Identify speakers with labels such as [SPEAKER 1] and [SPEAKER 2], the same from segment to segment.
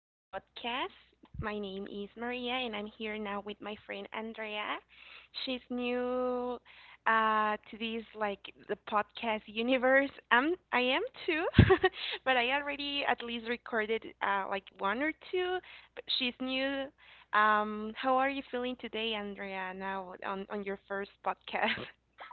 [SPEAKER 1] this podcast. My name is Maria, and I'm here now with my friend Andrea. She's new to this, like the podcast universe. I am too, but I already at least recorded like one or two. But she's new. How are you feeling today, Andrea? Now on your first podcast?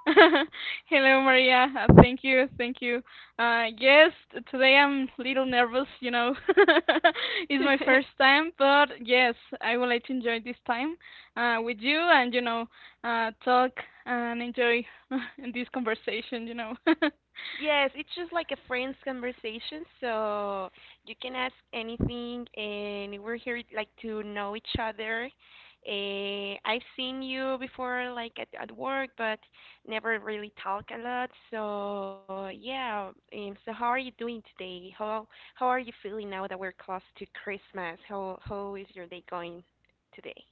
[SPEAKER 2] Hello, Maria. Thank you, thank you. Yes, today I'm a little nervous, you know. It's my first time, but yes, I would like to enjoy this time with you and, talk and enjoy this conversation.
[SPEAKER 1] Yes, it's just like a friend's conversation, so you can ask anything, and we're here like to know each other. I've seen you before, like at work, but never really talk a lot. So yeah, so how are you doing today? How are you feeling now that we're close to Christmas? How is your day going today?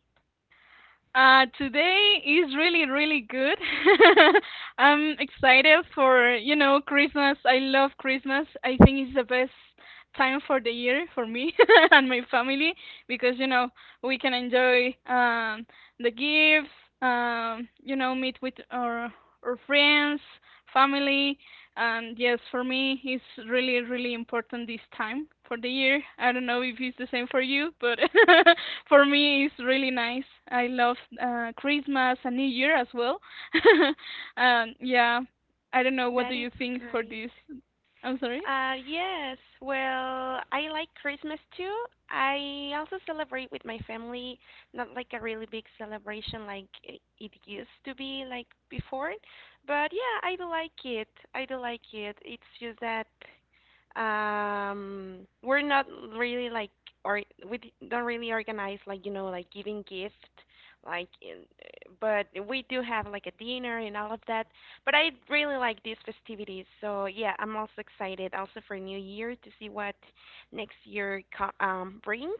[SPEAKER 2] Today is really, really good. I'm excited for, you know, Christmas. I love Christmas. I think it's the best time for the year for me and my family because, you know, we can enjoy the gifts, you know, meet with our friends, family. And yes, for me, it's really, really important this time for the year. I don't know if it's the same for you, but for me, it's really nice. I love Christmas and New Year as well. Yeah, I don't know. What
[SPEAKER 1] That
[SPEAKER 2] do
[SPEAKER 1] is
[SPEAKER 2] you think for
[SPEAKER 1] great.
[SPEAKER 2] this? I'm sorry.
[SPEAKER 1] Yes, well, I like Christmas too. I also celebrate with my family, not like a really big celebration like it used to be like before, but yeah, I do like it. I do like it. It's just that we're not really like or we don't really organize like you know like giving gift like in, but we do have like a dinner and all of that. But I really like these festivities, so yeah, I'm also excited also for New Year to see what next year brings.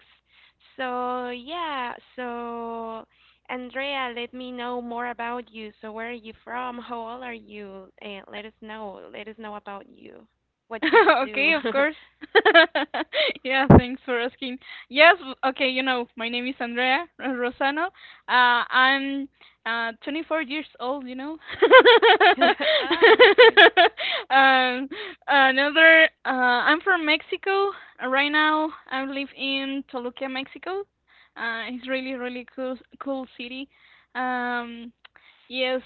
[SPEAKER 1] So yeah, so Andrea, let me know more about you. So where are you from? How old are you? And let us know. Let us know about you. What do you do?
[SPEAKER 2] Okay, of course. Yeah, thanks for asking. Yes, okay, you know, my name is Andrea Rosano. I'm 24 years old, you know.
[SPEAKER 1] Ah, that's great.
[SPEAKER 2] Um, I'm from Mexico. Right now, I live in Toluca, Mexico. It's really, really cool, cool city. Um, yes,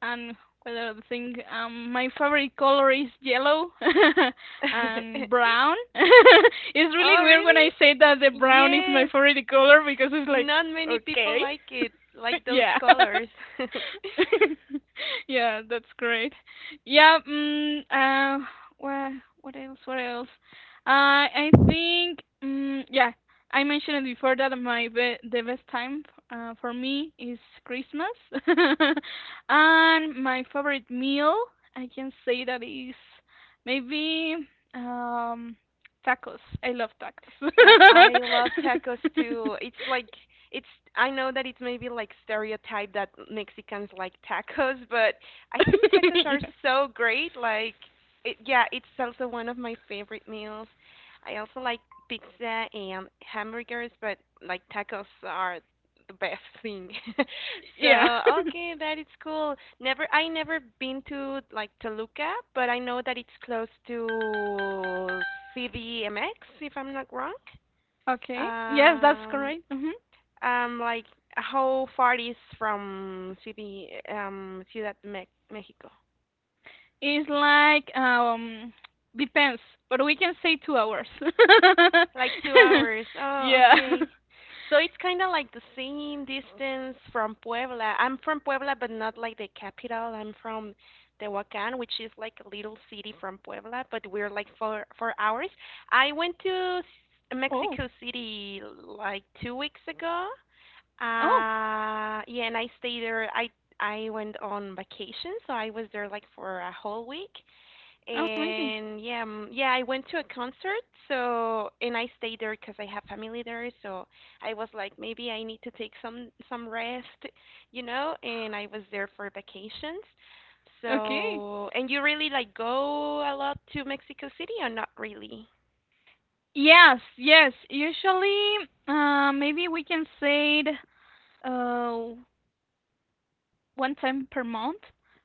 [SPEAKER 2] and whether the thing my favorite color is yellow and brown. It's really
[SPEAKER 1] Oh,
[SPEAKER 2] weird when I
[SPEAKER 1] really?
[SPEAKER 2] say that the brown is my
[SPEAKER 1] Yes.
[SPEAKER 2] favorite color because it's like
[SPEAKER 1] Not many people
[SPEAKER 2] okay.
[SPEAKER 1] like it, like those
[SPEAKER 2] Yeah.
[SPEAKER 1] colors.
[SPEAKER 2] Yeah, that's great. Yeah, mm, uh, well, what else? What else? I think, yeah, I mentioned it before that the best time for me is Christmas, and my favorite meal I can say that is maybe um, tacos. I love
[SPEAKER 1] That I love tacos
[SPEAKER 2] tacos.
[SPEAKER 1] too. It's I know that it's maybe like stereotype that Mexicans like tacos, but I think tacos are so great. Like it, yeah, it's also one of my favorite meals. I also like pizza and hamburgers, but like tacos are the best thing.
[SPEAKER 2] Yeah.
[SPEAKER 1] So okay, that is cool. Never, I never been to like Toluca, but I know that it's close to CDMX, if I'm not wrong.
[SPEAKER 2] Okay. Yes, that's
[SPEAKER 1] Um,
[SPEAKER 2] correct. Hmm.
[SPEAKER 1] like how far is from CD, Ciudad de Me Mexico?
[SPEAKER 2] It's like depends, but we can say 2 hours.
[SPEAKER 1] Like two hours. Oh,
[SPEAKER 2] Yeah.
[SPEAKER 1] okay. So it's kind of like the same distance from Puebla. I'm from Puebla, but not like the capital. I'm from Tehuacan, which is like a little city from Puebla, but we're like four hours. I went to
[SPEAKER 2] Oh.
[SPEAKER 1] Mexico City like 2 weeks ago.
[SPEAKER 2] Oh.
[SPEAKER 1] Yeah, and I stayed there. I went on vacation, so I was there like for a whole week
[SPEAKER 2] Amazing.
[SPEAKER 1] and yeah, yeah, I went to a concert, so and I stayed there because I have family there, so I was like, maybe I need to take some rest, you know, and I was there for vacations.
[SPEAKER 2] Okay.
[SPEAKER 1] So, and you really like go a lot to Mexico City or not really?
[SPEAKER 2] Yes. Yes. Usually, maybe we can say it uh one time per month.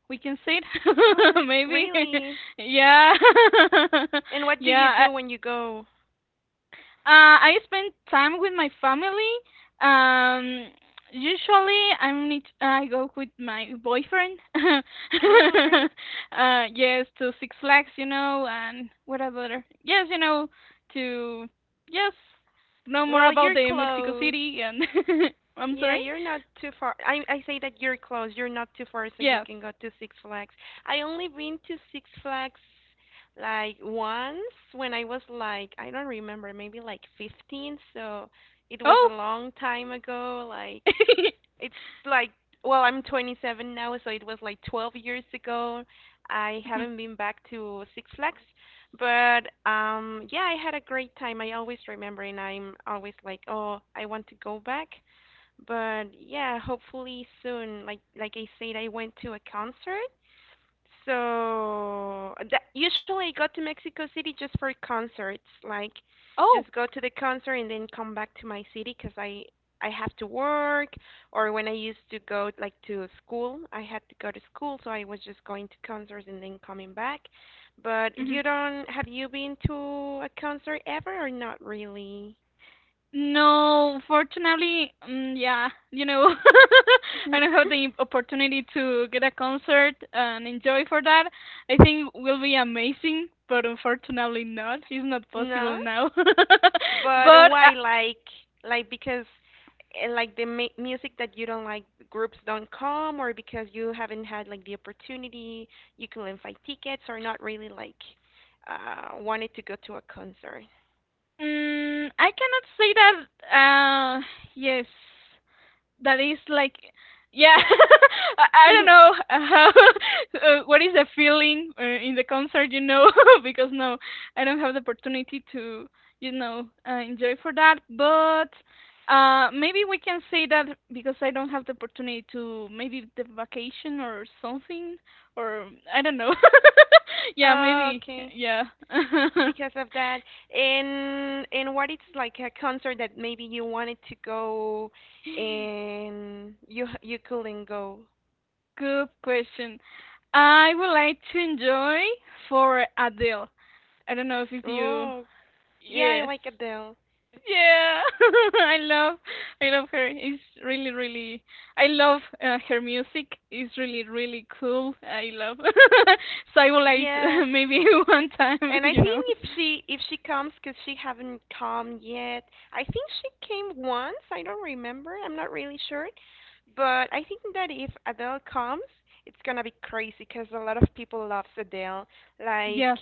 [SPEAKER 2] We can say it
[SPEAKER 1] Oh,
[SPEAKER 2] maybe.
[SPEAKER 1] really?
[SPEAKER 2] Yeah.
[SPEAKER 1] And what do you
[SPEAKER 2] Yeah.
[SPEAKER 1] do when you go?
[SPEAKER 2] I spend time with my family. Um, usually, I go with my boyfriend.
[SPEAKER 1] Oh, great.
[SPEAKER 2] Yes, to Six Flags, you know, and what other? Yes, you know, to yes, know more
[SPEAKER 1] Well,
[SPEAKER 2] about
[SPEAKER 1] you're
[SPEAKER 2] the Mexico
[SPEAKER 1] close.
[SPEAKER 2] City and I'm
[SPEAKER 1] Yeah,
[SPEAKER 2] sorry.
[SPEAKER 1] you're not too far. I say that you're close. You're not too far, so you
[SPEAKER 2] Yes.
[SPEAKER 1] can go to Six Flags. I only been to Six Flags like once when I was like I don't remember, maybe like 15. So it was a
[SPEAKER 2] Oh.
[SPEAKER 1] long time ago. Like it's like well, I'm 27 now, so it was like 12 years ago. I
[SPEAKER 2] Mhm.
[SPEAKER 1] haven't been back to Six Flags, but yeah, I had a great time. I always remember, and I'm always like, oh, I want to go back. But yeah, hopefully soon. Like I said, I went to a concert. So that, usually I go to Mexico City just for concerts. Like
[SPEAKER 2] Oh.
[SPEAKER 1] just go to the concert and then come back to my city because I have to work or when I used to go like to school, I had to go to school, so I was just going to concerts and then coming back. But
[SPEAKER 2] Mm-hmm.
[SPEAKER 1] you don't have you been to a concert ever or not really?
[SPEAKER 2] No, fortunately, yeah, you know, I don't have the opportunity to get a concert and enjoy for that. I think will be amazing, but unfortunately not. It's not possible
[SPEAKER 1] No?
[SPEAKER 2] now.
[SPEAKER 1] But
[SPEAKER 2] But
[SPEAKER 1] why
[SPEAKER 2] uh,
[SPEAKER 1] like because like the music that you don't like groups don't come or because you haven't had like the opportunity you couldn't find tickets or not really like wanted to go to a concert.
[SPEAKER 2] I cannot say that. Uh, yes. That is like, yeah, I don't know how what is the feeling in the concert, you know. Because no, I don't have the opportunity to, you know, enjoy for that, but maybe we can say that because I don't have the opportunity to maybe the vacation or something, or I don't know. Yeah,
[SPEAKER 1] Oh,
[SPEAKER 2] maybe
[SPEAKER 1] okay.
[SPEAKER 2] yeah.
[SPEAKER 1] Because of that, and what it's like a concert that maybe you wanted to go and you you couldn't go.
[SPEAKER 2] Good question. I would like to enjoy for Adele. I don't know if you
[SPEAKER 1] Oh, yeah, I
[SPEAKER 2] yes.
[SPEAKER 1] like Adele.
[SPEAKER 2] Yeah, I love, I love her. It's really, really. I love her music. It's really, really cool. I love Cybulite.
[SPEAKER 1] Yeah,
[SPEAKER 2] Maybe one time,
[SPEAKER 1] and I
[SPEAKER 2] you
[SPEAKER 1] think
[SPEAKER 2] know.
[SPEAKER 1] if she comes, cause she haven't come yet. I think she came once. I don't remember. I'm not really sure. But I think that if Adele comes, it's gonna be crazy, cause a lot of people love Adele. Like,
[SPEAKER 2] Yes.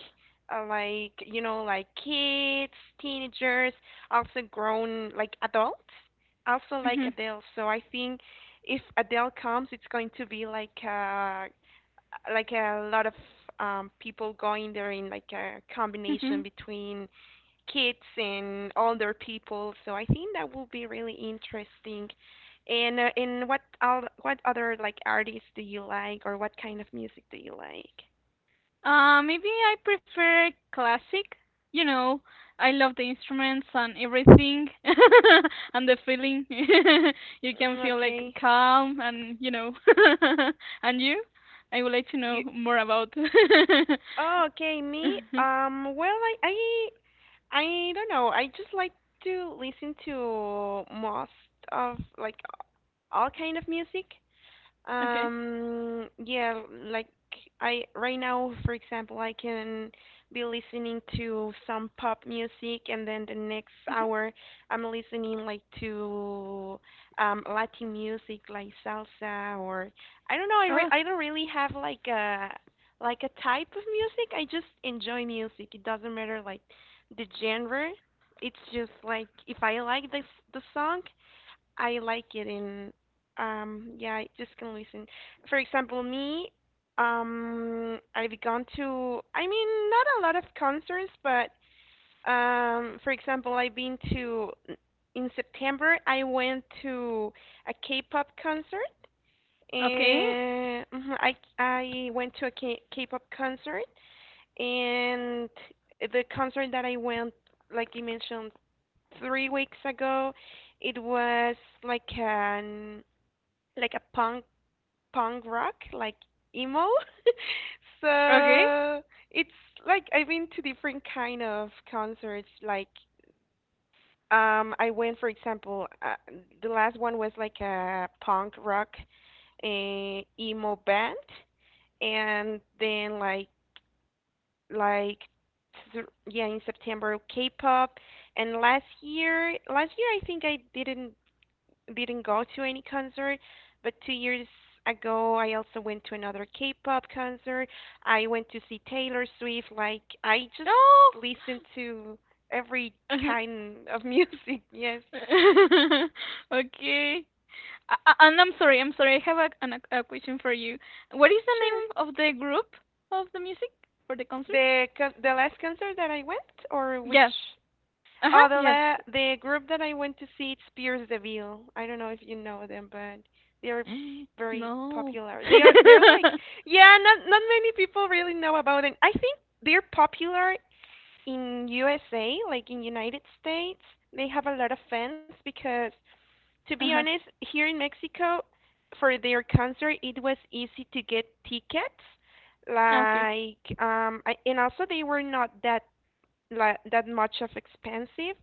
[SPEAKER 1] like you know, like kids, teenagers, also grown like adults, also like
[SPEAKER 2] Hmm.
[SPEAKER 1] Adele. So I think if Adele comes, it's going to be like a lot of people going there in like a
[SPEAKER 2] Hmm.
[SPEAKER 1] combination between kids and older people. So I think that will be really interesting. And what what other like artists do you like, or what kind of music do you like?
[SPEAKER 2] Maybe I prefer classic. You know, I love the instruments and everything, and the feeling. You can
[SPEAKER 1] Mm,
[SPEAKER 2] feel like
[SPEAKER 1] okay,
[SPEAKER 2] calm and you know. And you? I would like to know
[SPEAKER 1] you.
[SPEAKER 2] more about.
[SPEAKER 1] Oh, okay, me.
[SPEAKER 2] Mhm.
[SPEAKER 1] Well, I don't know. I just like to listen to most of like all kind of music.
[SPEAKER 2] Okay.
[SPEAKER 1] Yeah, like I right now, for example, I can be listening to some pop music, and then the next
[SPEAKER 2] Mhm.
[SPEAKER 1] hour I'm listening like to Latin music, like salsa, or I don't know. I
[SPEAKER 2] Oh,
[SPEAKER 1] I don't really have like a type of music. I just enjoy music. It doesn't matter like the genre. It's just like if I like this the song, I like it in yeah, I just can listen. For example, me, I've gone to I mean not a lot of concerts, but for example, I've been to in September I went to a K-pop concert.
[SPEAKER 2] okay.
[SPEAKER 1] And mhm, I went to a K-pop concert and the concert that I went like you mentioned 3 weeks ago. It was like an like a punk rock, like emo.
[SPEAKER 2] Okay.
[SPEAKER 1] So it's like I've been to different kind of concerts. Like I went, for example, the last one was like a punk rock emo band, and then like yeah in September K-pop, and last year I think I didn't go to any concert, but 2 years ago I also went to another K-pop concert. I went to see Taylor Swift. Like I just
[SPEAKER 2] Oh.
[SPEAKER 1] listen to every kind of music. Yes,
[SPEAKER 2] Okay. I- and I'm sorry, I'm sorry. I have a question for you. What is the name
[SPEAKER 1] sure.
[SPEAKER 2] of the group of the music for the concert?
[SPEAKER 1] The the last concert that I went, or
[SPEAKER 2] Yes.
[SPEAKER 1] which
[SPEAKER 2] Uh
[SPEAKER 1] Oh,
[SPEAKER 2] huh.
[SPEAKER 1] the
[SPEAKER 2] Yes.
[SPEAKER 1] the group that I went to see, it's Pierce the Veil. I don't know if you know them, but they're very
[SPEAKER 2] No.
[SPEAKER 1] popular. They're like
[SPEAKER 2] uh
[SPEAKER 1] yeah, not many people really know about them. I think they're popular in USA, like in United States. They have a lot of fans because to be
[SPEAKER 2] huh.
[SPEAKER 1] honest, here in Mexico for their concert it was easy to get tickets.
[SPEAKER 2] Okay.
[SPEAKER 1] Like I, and also they were not that like that much of expensive.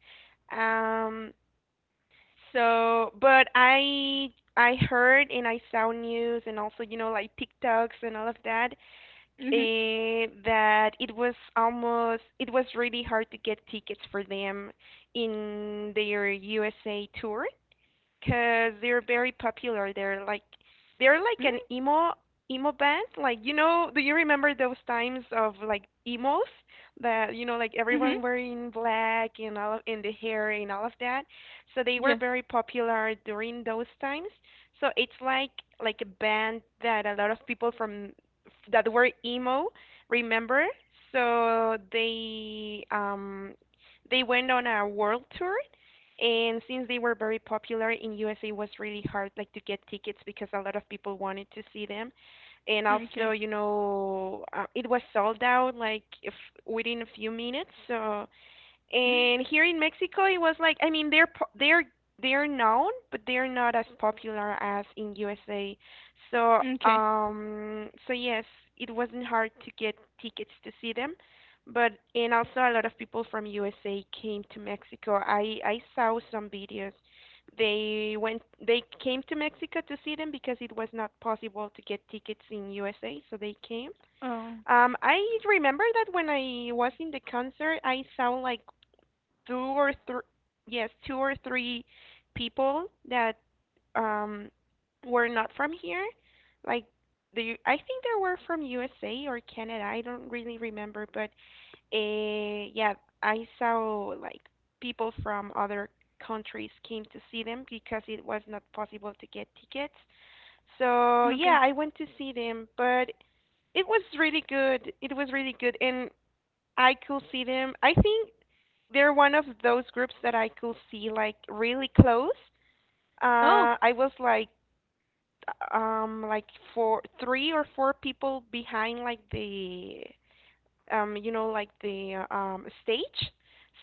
[SPEAKER 1] Um, so, but I heard and I saw news and also you know like TikToks and all of that
[SPEAKER 2] Mhm.
[SPEAKER 1] that it was really hard to get tickets for them in their USA tour because they're very popular. They're like
[SPEAKER 2] Mm.
[SPEAKER 1] an emo band. Like you know, do you remember those times of like emos that you know like
[SPEAKER 2] Mhm.
[SPEAKER 1] everyone wearing black and all of, and the hair and all of that? So they were
[SPEAKER 2] Yes.
[SPEAKER 1] very popular during those times. So it's like a band that a lot of people from that were emo remember. So they went on a world tour and since they were very popular in USA, it was really hard like to get tickets because a lot of people wanted to see them. And also,
[SPEAKER 2] Okay.
[SPEAKER 1] you know, it was sold out like if within a few minutes. So and here in Mexico, it was like I mean they're known, but they're not as popular as in USA. So
[SPEAKER 2] Okay.
[SPEAKER 1] so yes, it wasn't hard to get tickets to see them. But and also a lot of people from USA came to Mexico. I saw some videos. They came to Mexico to see them because it was not possible to get tickets in USA, so they came.
[SPEAKER 2] Oh.
[SPEAKER 1] I remember that when I was in the concert, I saw like two or three, yes, two or three people that um were not from here. Like the U- I think they were from USA or Canada. I don't really remember, but yeah, I saw like people from other countries came to see them because it was not possible to get tickets. So yeah,
[SPEAKER 2] Okay.
[SPEAKER 1] I went to see them, but it was really good. It was really good, and I could see them. I think they're one of those groups that I could see like really close.
[SPEAKER 2] Oh.
[SPEAKER 1] I was like four, three or four people behind like the you know, like the stage.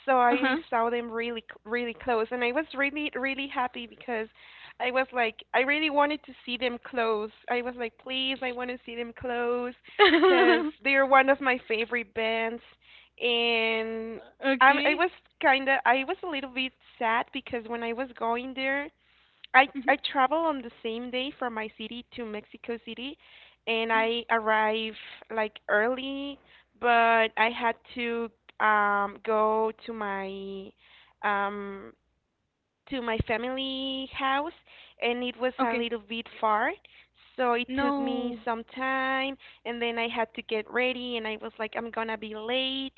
[SPEAKER 1] So
[SPEAKER 2] Uh
[SPEAKER 1] I
[SPEAKER 2] huh.
[SPEAKER 1] saw them really, really close, and I was really, really happy because I was like, I really wanted to see them close. I was like, please, I want to see them close, because they are one of my favorite bands, and I
[SPEAKER 2] okay.
[SPEAKER 1] was kinda, I was a little bit sad because when I was going there, I
[SPEAKER 2] Mhm.
[SPEAKER 1] I travel on the same day from my city to Mexico City, and I arrive like early, but I had to go to my um family house, and it was a
[SPEAKER 2] Okay.
[SPEAKER 1] little bit far, so it took me
[SPEAKER 2] No.
[SPEAKER 1] some time. And then I had to get ready, and I was like, I'm gonna be late.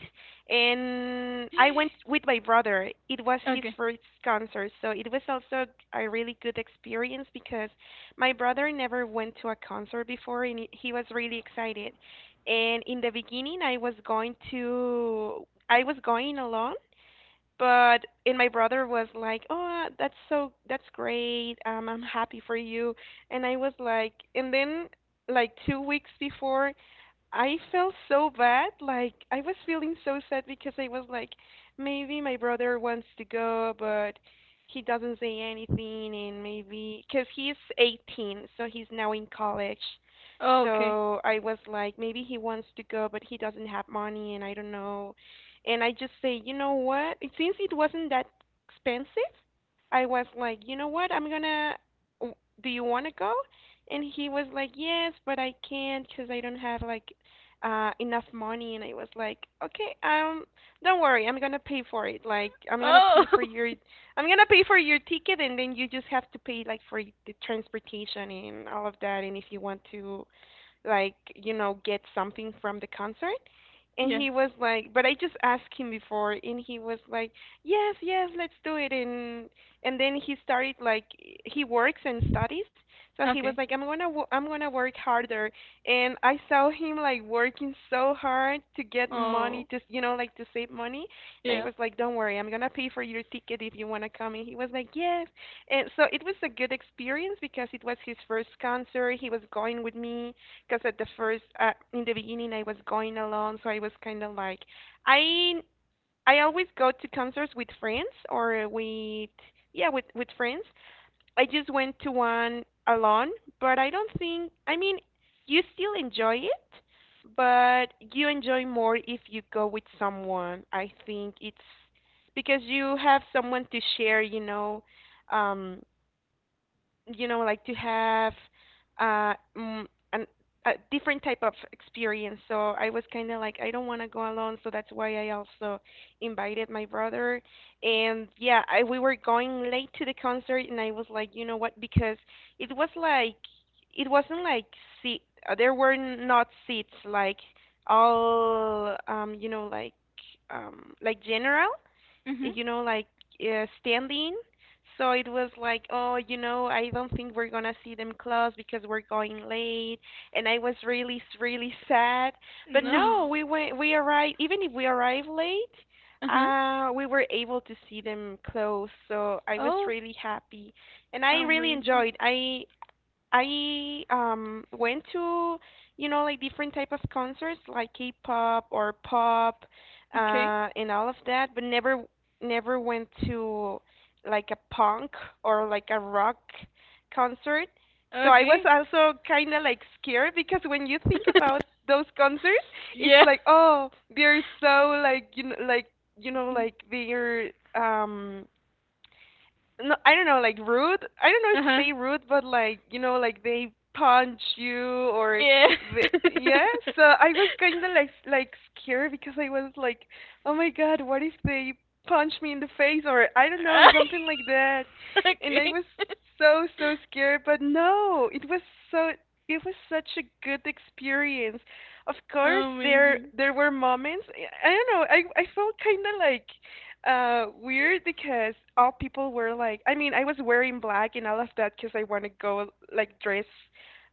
[SPEAKER 1] And I went with my brother. It was his
[SPEAKER 2] Okay.
[SPEAKER 1] first concert, so it was also a really good experience because my brother never went to a concert before, and he was really excited. And in the beginning, I was going alone, but and my brother was like, "Oh, that's great. I'm happy for you." And I was like, and then like 2 weeks before I felt so bad. Like I was feeling so sad because I was like, maybe my brother wants to go, but he doesn't say anything, and maybe because he's 18, so he's now in college.
[SPEAKER 2] Okay.
[SPEAKER 1] So I was like, maybe he wants to go, but he doesn't have money, and I don't know. And I just say, you know what? Since it wasn't that expensive, I was like, you know what? I'm gonna. w- Do you want to go? And he was like, yes, but I can't because I don't have like enough money. And I was like, "Okay, don't worry, I'm going to pay for it. Like I'm going to pay
[SPEAKER 2] Oh.
[SPEAKER 1] for your ticket, and then you just have to pay like for the transportation and all of that, and if you want to like, you know, get something from the concert." And
[SPEAKER 2] yes.
[SPEAKER 1] he was like, but I just asked him before, and he was like, "Yes, yes, let's do it." And then he started like, he works and studies, so he was
[SPEAKER 2] Okay.
[SPEAKER 1] like, "I'm gonna work harder." And I saw him like working so hard to get money
[SPEAKER 2] Oh.
[SPEAKER 1] to, you know, like to save money. And I
[SPEAKER 2] Yeah.
[SPEAKER 1] was like, "Don't worry, I'm gonna pay for your ticket if you wanna come." And he was like, "Yes." And so it was a good experience because it was his first concert. He was going with me because in the beginning, I was going alone, so I was kind of like, I I always go to concerts with friends or with, yeah, with friends. I just went to one alone, but I don't think, I mean, you still enjoy it, but you enjoy more if you go with someone. I think it's because you have someone to share, you know, um, you know, like to have uh mm, an, a different type of experience. So I was kind of like, I don't want to go alone, so that's why I also invited my brother. And yeah, we were going late to the concert, and I was like, you know what, because it was like, it wasn't like seat, there were not seats like, all you know, like general,
[SPEAKER 2] Mhm.
[SPEAKER 1] you know, like standing. So it was like, oh, you know, I don't think we're gonna see them close because we're going late, and I was really, really sad. But no,
[SPEAKER 2] No.
[SPEAKER 1] we went, we arrived. Even if we arrived late,
[SPEAKER 2] Uh-huh.
[SPEAKER 1] we were able to see them close. So I was
[SPEAKER 2] Oh,
[SPEAKER 1] really happy, and I really
[SPEAKER 2] amazing.
[SPEAKER 1] enjoyed. I went to, you know, like different type of concerts like K-pop or pop,
[SPEAKER 2] Okay.
[SPEAKER 1] and all of that, but never went to like a punk or like a rock concert. So I was
[SPEAKER 2] Okay.
[SPEAKER 1] also kind of like scared because when you think about those concerts, it's
[SPEAKER 2] Yeah.
[SPEAKER 1] like, oh, they're so like, you know, like, you know, like they're no, I don't know, like rude. I don't know if
[SPEAKER 2] Uh-huh.
[SPEAKER 1] say rude, but like, you know, like they punch you or
[SPEAKER 2] Yeah.
[SPEAKER 1] the yeah. So I was kind of like scared because I was like, oh my god, what if they punch me in the face, or I don't know, something like that, and I
[SPEAKER 2] Okay.
[SPEAKER 1] was so so scared. But no, so it was such a good experience. Of course, there
[SPEAKER 2] Amazing.
[SPEAKER 1] there were moments. I don't know. I felt kind of like weird because all people were like, I mean, I was wearing black and all of that because I want to go like dress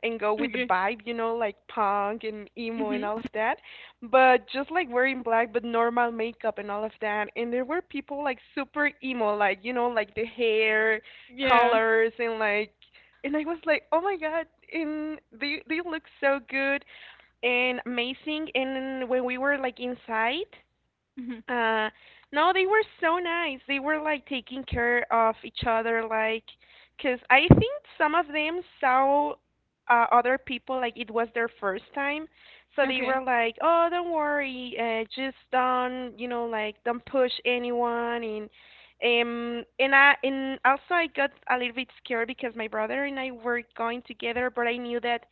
[SPEAKER 1] and go with the
[SPEAKER 2] Okay.
[SPEAKER 1] vibe, you know, like punk and emo and
[SPEAKER 2] Mhm.
[SPEAKER 1] all of that. But just like wearing black, but normal makeup and all of that. And there were people like super emo, like, you know, like the hair
[SPEAKER 2] Yeah.
[SPEAKER 1] colors, and like, and I was like, oh my God. And they look so good and amazing. And when we were like inside,
[SPEAKER 2] Mhm.
[SPEAKER 1] uh, no, they were so nice. They were like taking care of each other, like, 'cause I think some of them saw other people like it was their first time, so they were
[SPEAKER 2] Okay.
[SPEAKER 1] like, "Oh, don't worry, just don't, you know, like don't push anyone." And also I got a little bit scared because my brother and I were going together, but I knew that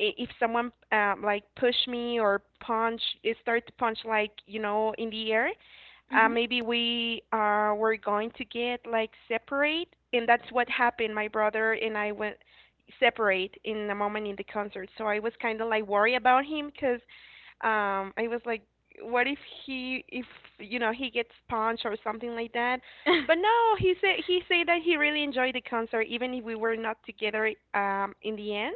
[SPEAKER 1] if someone like push me or start to punch like, you know, in the air,
[SPEAKER 2] Mhm.
[SPEAKER 1] maybe we were going to get like separate. And that's what happened. My brother and I went separate in a moment in the concert, so I was kind of like worried about him because I was like, what if he if you know, he gets punched or something like that. But no, he said that he really enjoyed the concert even if we were not together in the end.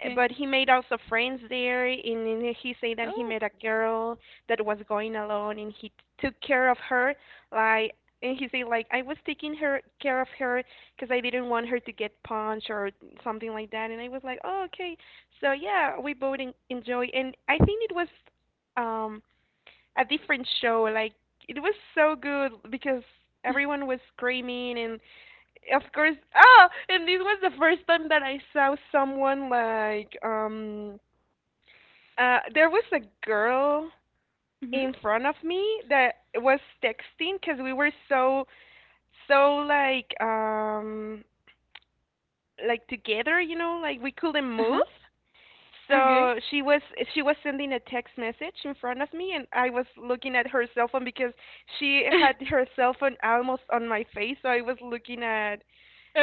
[SPEAKER 1] Eh, But he made also friends there, and then he said that he
[SPEAKER 2] Oh.
[SPEAKER 1] met a girl that was going alone, and he took care of her. Like, and he said like, I was taking her care of her because I didn't want her to get punched or something like that. And I was like, oh, okay. So yeah, we both enjoy, and I think it was um a different show. Like it was so good because everyone was screaming, and of course, oh, and this was the first time that I saw someone like there was a girl
[SPEAKER 2] Mhm.
[SPEAKER 1] in front of me that was texting because we were so so like together, you know, like we couldn't move.
[SPEAKER 2] Uh-huh. Okay.
[SPEAKER 1] So she was sending a text message in front of me, and I was looking at her cell phone because she had her cell phone almost on my face. So I was looking at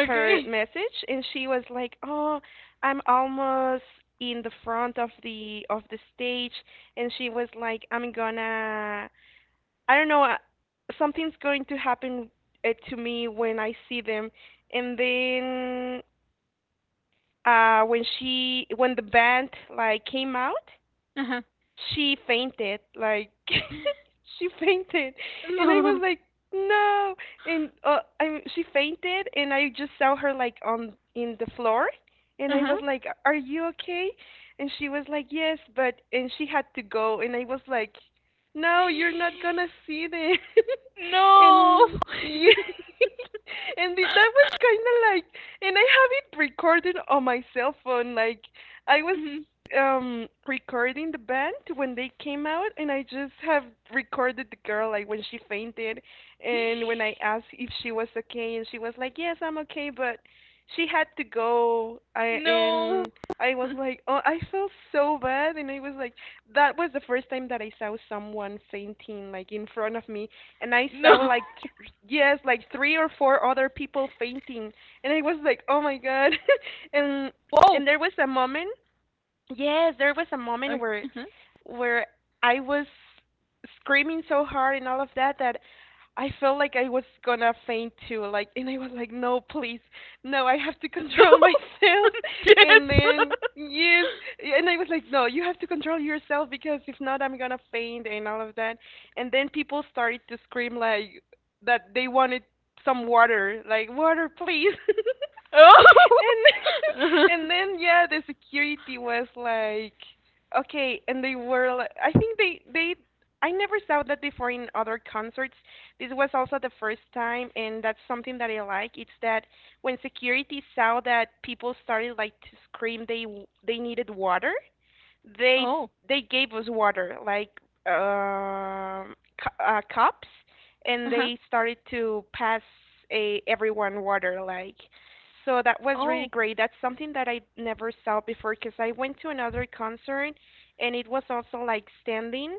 [SPEAKER 1] her message, and she was like, oh, I'm almost in the front of the stage. And she was like, I don't know, something's going to happen, to me when I see them. And then when the band like came out,
[SPEAKER 2] Uh-huh.
[SPEAKER 1] she fainted, like she fainted. And I was
[SPEAKER 2] No.
[SPEAKER 1] like, no. And I she fainted, and I just saw her like on in the floor. And I was
[SPEAKER 2] Uh-huh.
[SPEAKER 1] like, are you okay? And she was like, yes, but, and she had to go. And I was like, no, you're not gonna see them.
[SPEAKER 2] No.
[SPEAKER 1] And yeah, and that was kind of like, and I have it recorded on my cell phone. Like I was
[SPEAKER 2] Mhm.
[SPEAKER 1] recording the band when they came out, and I just have recorded the girl like when she fainted, and when I asked if she was okay, and she was like, yes, I'm okay, but she had to go. I
[SPEAKER 2] No.
[SPEAKER 1] and I was like, oh, I felt so bad. And I was like, that was the first time that I saw someone fainting like in front of me. And I saw
[SPEAKER 2] No.
[SPEAKER 1] like yes, like three or four other people fainting. And I was like, oh my god.
[SPEAKER 2] Whoa.
[SPEAKER 1] and and there was a moment. Yes, there was a
[SPEAKER 2] Okay.
[SPEAKER 1] moment
[SPEAKER 2] Uh-huh.
[SPEAKER 1] where where I was screaming so hard and all of that, that I felt like I was gonna faint too, like. And I was like, no, please, no, I have to
[SPEAKER 2] No.
[SPEAKER 1] control myself. And
[SPEAKER 2] yes.
[SPEAKER 1] Then yes. And I was like, "No, you have to control yourself because if not I'm gonna faint and all of that." And then people started to scream like that they wanted some water, like water please.
[SPEAKER 2] oh. Uh-huh.
[SPEAKER 1] And and then yeah, the security was like, okay, and they were, like I think they. I never saw that before in other concerts. This was also the first time, and that's something that I like. It's that when security saw that people started like to scream, they needed water. they
[SPEAKER 2] Oh.
[SPEAKER 1] they gave us water, like cups,
[SPEAKER 2] Uh
[SPEAKER 1] and
[SPEAKER 2] huh.
[SPEAKER 1] they started to pass a, everyone water, like so that was really
[SPEAKER 2] Oh.
[SPEAKER 1] great. That's something that I never saw before, because I went to another concert and it was also like standing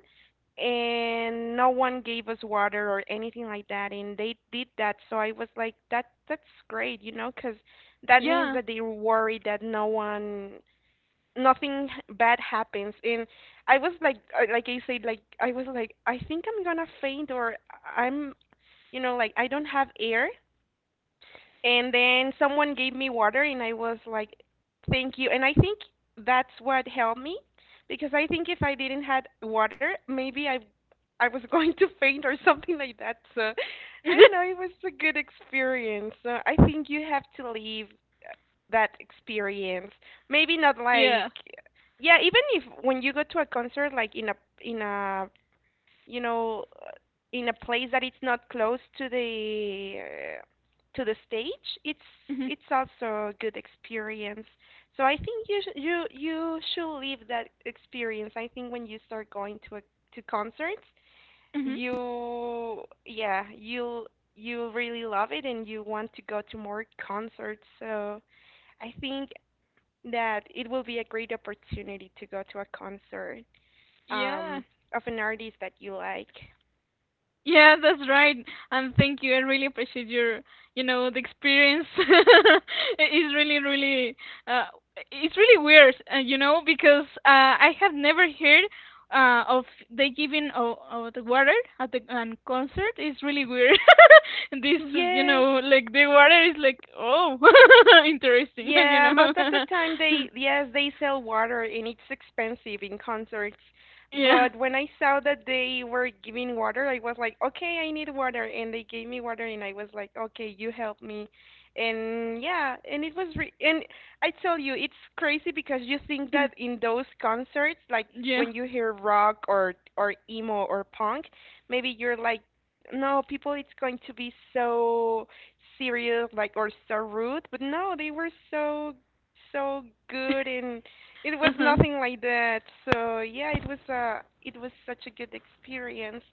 [SPEAKER 1] and no one gave us water or anything like that, and they did that. So I was like, that's great, you know, because that means
[SPEAKER 2] Yeah.
[SPEAKER 1] that they were worried that no one, nothing bad happens. And I was like, like I said, like I was like, I think I'm gonna faint or I'm, you know, like I don't have air. And then someone gave me water and I was like, thank you. And I think that's what helped me, because I think if I didn't had water maybe I was going to faint or something like that. So I don't know, it was a good experience. So I think you have to leave that experience. Maybe not like
[SPEAKER 2] yeah.
[SPEAKER 1] yeah, even if when you go to a concert like in a you know, in a place that it's not close to the stage,
[SPEAKER 2] Mhm.
[SPEAKER 1] it's also a good experience. So I think you you should live that experience. I think when you start going to to concerts,
[SPEAKER 2] Mhm.
[SPEAKER 1] you yeah you really love it and you want to go to more concerts. So I think that it will be a great opportunity to go to a concert
[SPEAKER 2] Yeah.
[SPEAKER 1] um, of an artist that you like.
[SPEAKER 2] Yeah, that's right. And thank you. I really appreciate your, you know, the experience. It's really, really, uh, it's really weird, you know, because I have never heard of the giving of the water at the concert. It's really weird. This, you
[SPEAKER 1] Yes.
[SPEAKER 2] know, like the water is like, oh, interesting, you
[SPEAKER 1] Yeah, most of the
[SPEAKER 2] know.
[SPEAKER 1] time they, yes, they sell water and it's expensive in concerts.
[SPEAKER 2] Yeah.
[SPEAKER 1] But when I saw that they were giving water, I was like, okay, I need water. And they gave me water and I was like, okay, you help me. And yeah, and it was re and I tell you, it's crazy because you think that in those concerts, like
[SPEAKER 2] Yeah.
[SPEAKER 1] when you hear rock or emo or punk, maybe you're like, no, people, it's going to be so serious like or so rude, but no, they were so so good and it was
[SPEAKER 2] Uh-huh.
[SPEAKER 1] nothing like that. So yeah, it was it was such a good experience.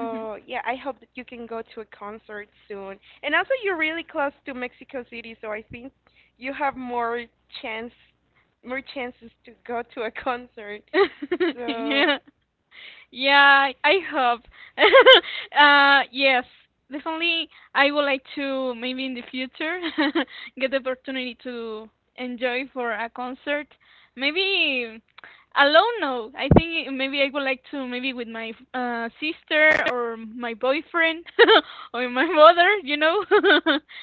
[SPEAKER 2] Mhm.
[SPEAKER 1] yeah, I hope that you can go to a concert soon. And also you're really close to Mexico City, so I think you have more chance more chances to go to a concert. So
[SPEAKER 2] Yeah. Yeah, I hope. Yes, definitely. I would like to maybe in the future get the opportunity to enjoy for a concert. Maybe alone, no. I think maybe I would like to maybe with my sister or my boyfriend or my mother, you know.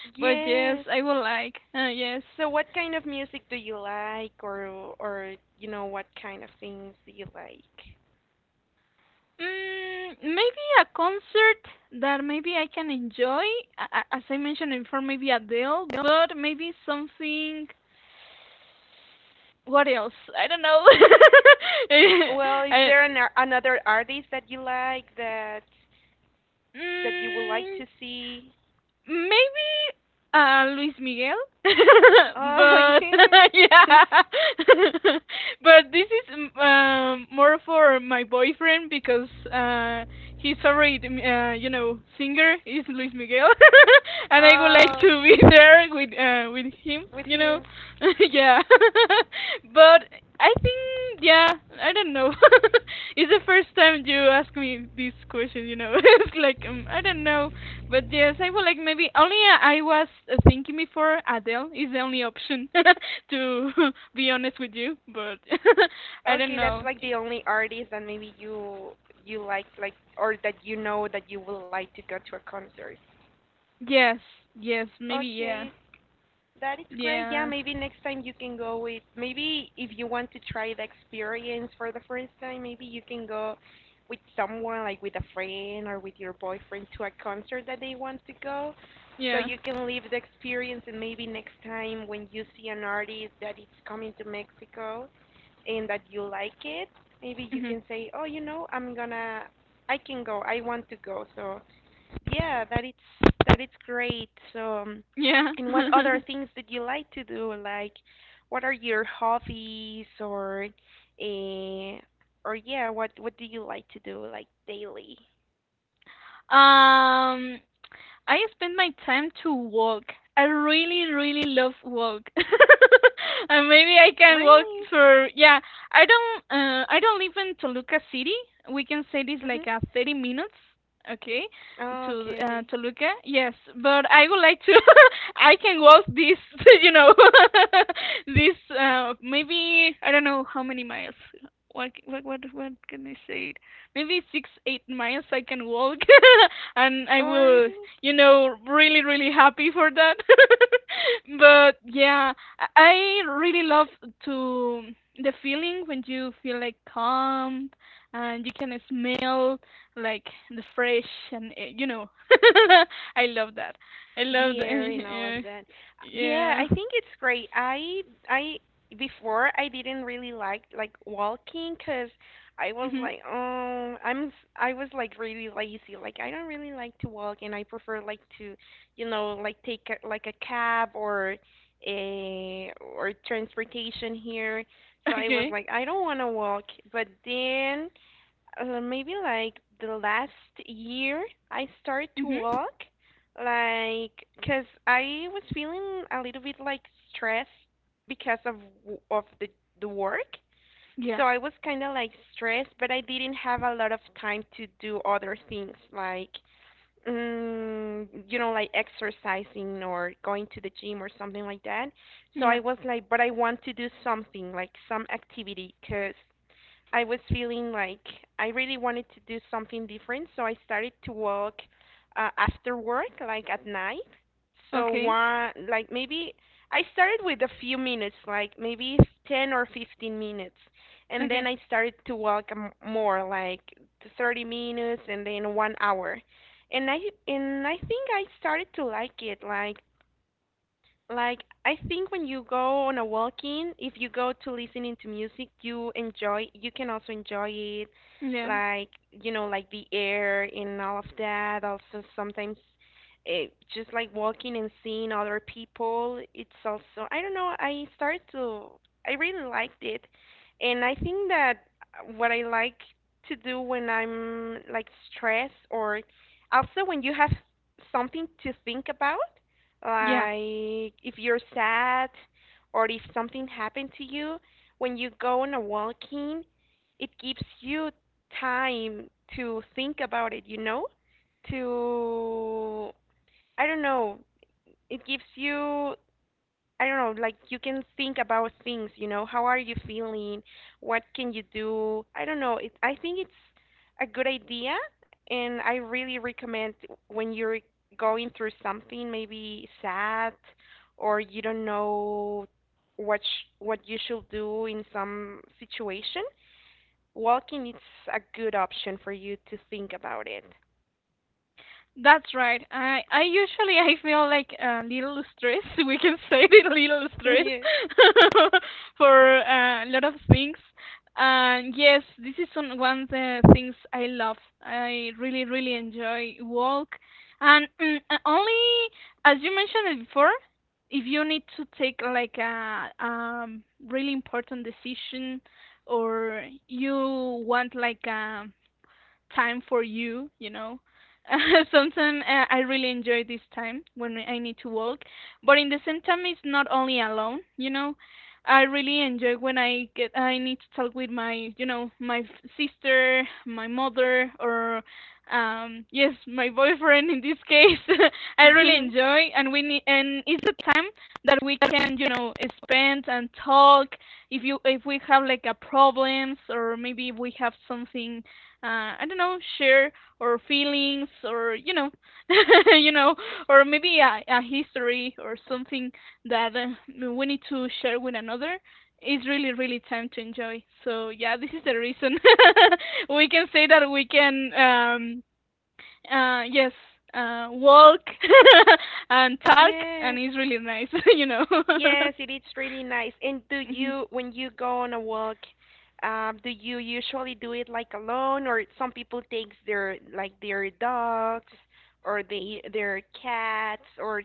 [SPEAKER 2] But yes,
[SPEAKER 1] yes.
[SPEAKER 2] I would like. Yes.
[SPEAKER 1] So what kind of music do you like, or you know, what kind of things do you like?
[SPEAKER 2] Maybe a concert that maybe I can enjoy, as I mentioned before, maybe Adele, but maybe something. What else? I don't know.
[SPEAKER 1] Well, is
[SPEAKER 2] I,
[SPEAKER 1] there another artist that you like, that you would like
[SPEAKER 2] mm,
[SPEAKER 1] to see?
[SPEAKER 2] maybe Luis Miguel,
[SPEAKER 1] Oh,
[SPEAKER 2] but
[SPEAKER 1] yes.
[SPEAKER 2] yeah, but this is more for my boyfriend because his favorite, you know, singer is Luis Miguel, and I would like
[SPEAKER 1] Oh,
[SPEAKER 2] to be there with him,
[SPEAKER 1] with
[SPEAKER 2] you know,
[SPEAKER 1] him.
[SPEAKER 2] yeah. But I think, yeah, I don't know. It's the first time you ask me this question, you know. It's like I don't know, but yes, I would like maybe only I was thinking before Adele is the only option to be honest with you, but I don't
[SPEAKER 1] Okay, that's
[SPEAKER 2] know.
[SPEAKER 1] like
[SPEAKER 2] Y-
[SPEAKER 1] the only artist that maybe you like, or that you know that you would like to go to a concert.
[SPEAKER 2] Yes, yes, maybe yeah,
[SPEAKER 1] Okay. That is great. Yeah,
[SPEAKER 2] yeah,
[SPEAKER 1] maybe next time you can go with, maybe if you want to try the experience for the first time, maybe you can go with someone like with a friend or with your boyfriend to a concert that they want to go. So
[SPEAKER 2] yeah,
[SPEAKER 1] you can live the experience. And maybe next time when you see an artist that is coming to Mexico and that you like it, maybe you
[SPEAKER 2] hmm
[SPEAKER 1] can say, "Oh, you know, I'm gonna I can go. I want to go." So yeah, that it's great. So,
[SPEAKER 2] yeah.
[SPEAKER 1] and what other things did you like to do? Like, what are your hobbies, uh, or yeah, what do you like to do like daily?
[SPEAKER 2] um, I spend my time to walk. I really, really love walk. And maybe I can walk
[SPEAKER 1] Really?
[SPEAKER 2] for yeah. I don't live in Toluca City. We can say this like
[SPEAKER 1] Mhm.
[SPEAKER 2] a 30 minutes, okay,
[SPEAKER 1] Oh,
[SPEAKER 2] to
[SPEAKER 1] okay, okay.
[SPEAKER 2] Toluca. Yes, but I would like to. I can walk this, you know, this maybe I don't know how many miles. What can I say? Maybe 6 8 miles I can walk, and I
[SPEAKER 1] Oh,
[SPEAKER 2] will
[SPEAKER 1] really?
[SPEAKER 2] you know, really, really happy for that. But yeah, I really love to the feeling when you feel like calm and you can smell like the fresh and you know, I love that. I love
[SPEAKER 1] The
[SPEAKER 2] the
[SPEAKER 1] air and all of
[SPEAKER 2] uh,
[SPEAKER 1] that. Yeah,
[SPEAKER 2] yeah.
[SPEAKER 1] I think it's great. I Before I didn't really like walking, because I was
[SPEAKER 2] Mhm.
[SPEAKER 1] like, oh, I was like really lazy. Like I don't really like to walk, and I prefer like to, you know, like take a, like a cab or a or transportation here. So I was
[SPEAKER 2] Okay.
[SPEAKER 1] like, I don't want to walk. But then maybe like the last year I started to
[SPEAKER 2] Mhm.
[SPEAKER 1] walk like, 'cause I was feeling a little bit like stressed because of the work.
[SPEAKER 2] Yeah.
[SPEAKER 1] So I was kind of like stressed, but I didn't have a lot of time to do other things like you know, like exercising or going to the gym or something like that. So I
[SPEAKER 2] Yeah.
[SPEAKER 1] was like, but I want to do something, like some activity, 'cause I was feeling like I really wanted to do something different, so I started to walk after work, like at night. So
[SPEAKER 2] Okay.
[SPEAKER 1] one, like maybe I started with a few minutes, like maybe 10 or 15 minutes, and then
[SPEAKER 2] Okay.
[SPEAKER 1] I started to walk more, like 30 minutes and then 1 hour. And I and I think I started to like it. Like, I think when you go on a walking, if you go to listening to music, you enjoy, you can also enjoy it.
[SPEAKER 2] Yeah.
[SPEAKER 1] Like, you know, like the air and all of that. Also, sometimes it, just like walking and seeing other people, it's also, I don't know, I started to, I really liked it. And I think that what I like to do when I'm like stressed, or also when you have something to think about,
[SPEAKER 2] Yeah.
[SPEAKER 1] like if you're sad or if something happened to you, when you go on a walking, it gives you time to think about it, you know? To, I don't know, it gives you, I don't know, like you can think about things, you know, how are you feeling? What can you do? I don't know. It, I think it's a good idea, and I really recommend when you're going through something maybe sad, or you don't know what you should do in some situation. Walking is a good option for you to think about it.
[SPEAKER 2] That's right. I usually I feel like a little stress. We can say it a little stress
[SPEAKER 1] Yeah.
[SPEAKER 2] for a lot of things. And yes, this is one of the things I love. I really really enjoy walk. And only as you mentioned it before, if you need to take like a really important decision or you want like a time for you, you know. Sometimes I really enjoy this time when I need to walk, but in the same time, it's not only alone, you know. I really enjoy when I need to talk with my, you know, my sister, my mother, or yes, my boyfriend in this case. I really enjoy, and we need, and it's a time that we can, you know, spend and talk if you if we have like a problems or maybe we have something I don't know, share or feelings or you know, you know, or maybe a history or something that we need to share with another. It's really, really time to enjoy. So yeah, this is the reason we can say that we can, yes, walk and talk, and
[SPEAKER 1] yes.
[SPEAKER 2] it's really nice, you know.
[SPEAKER 1] Yes, it is really nice. And do
[SPEAKER 2] Mhm.
[SPEAKER 1] you, when you go on a walk, do you usually do it like alone, or some people takes their like their dogs or their cats,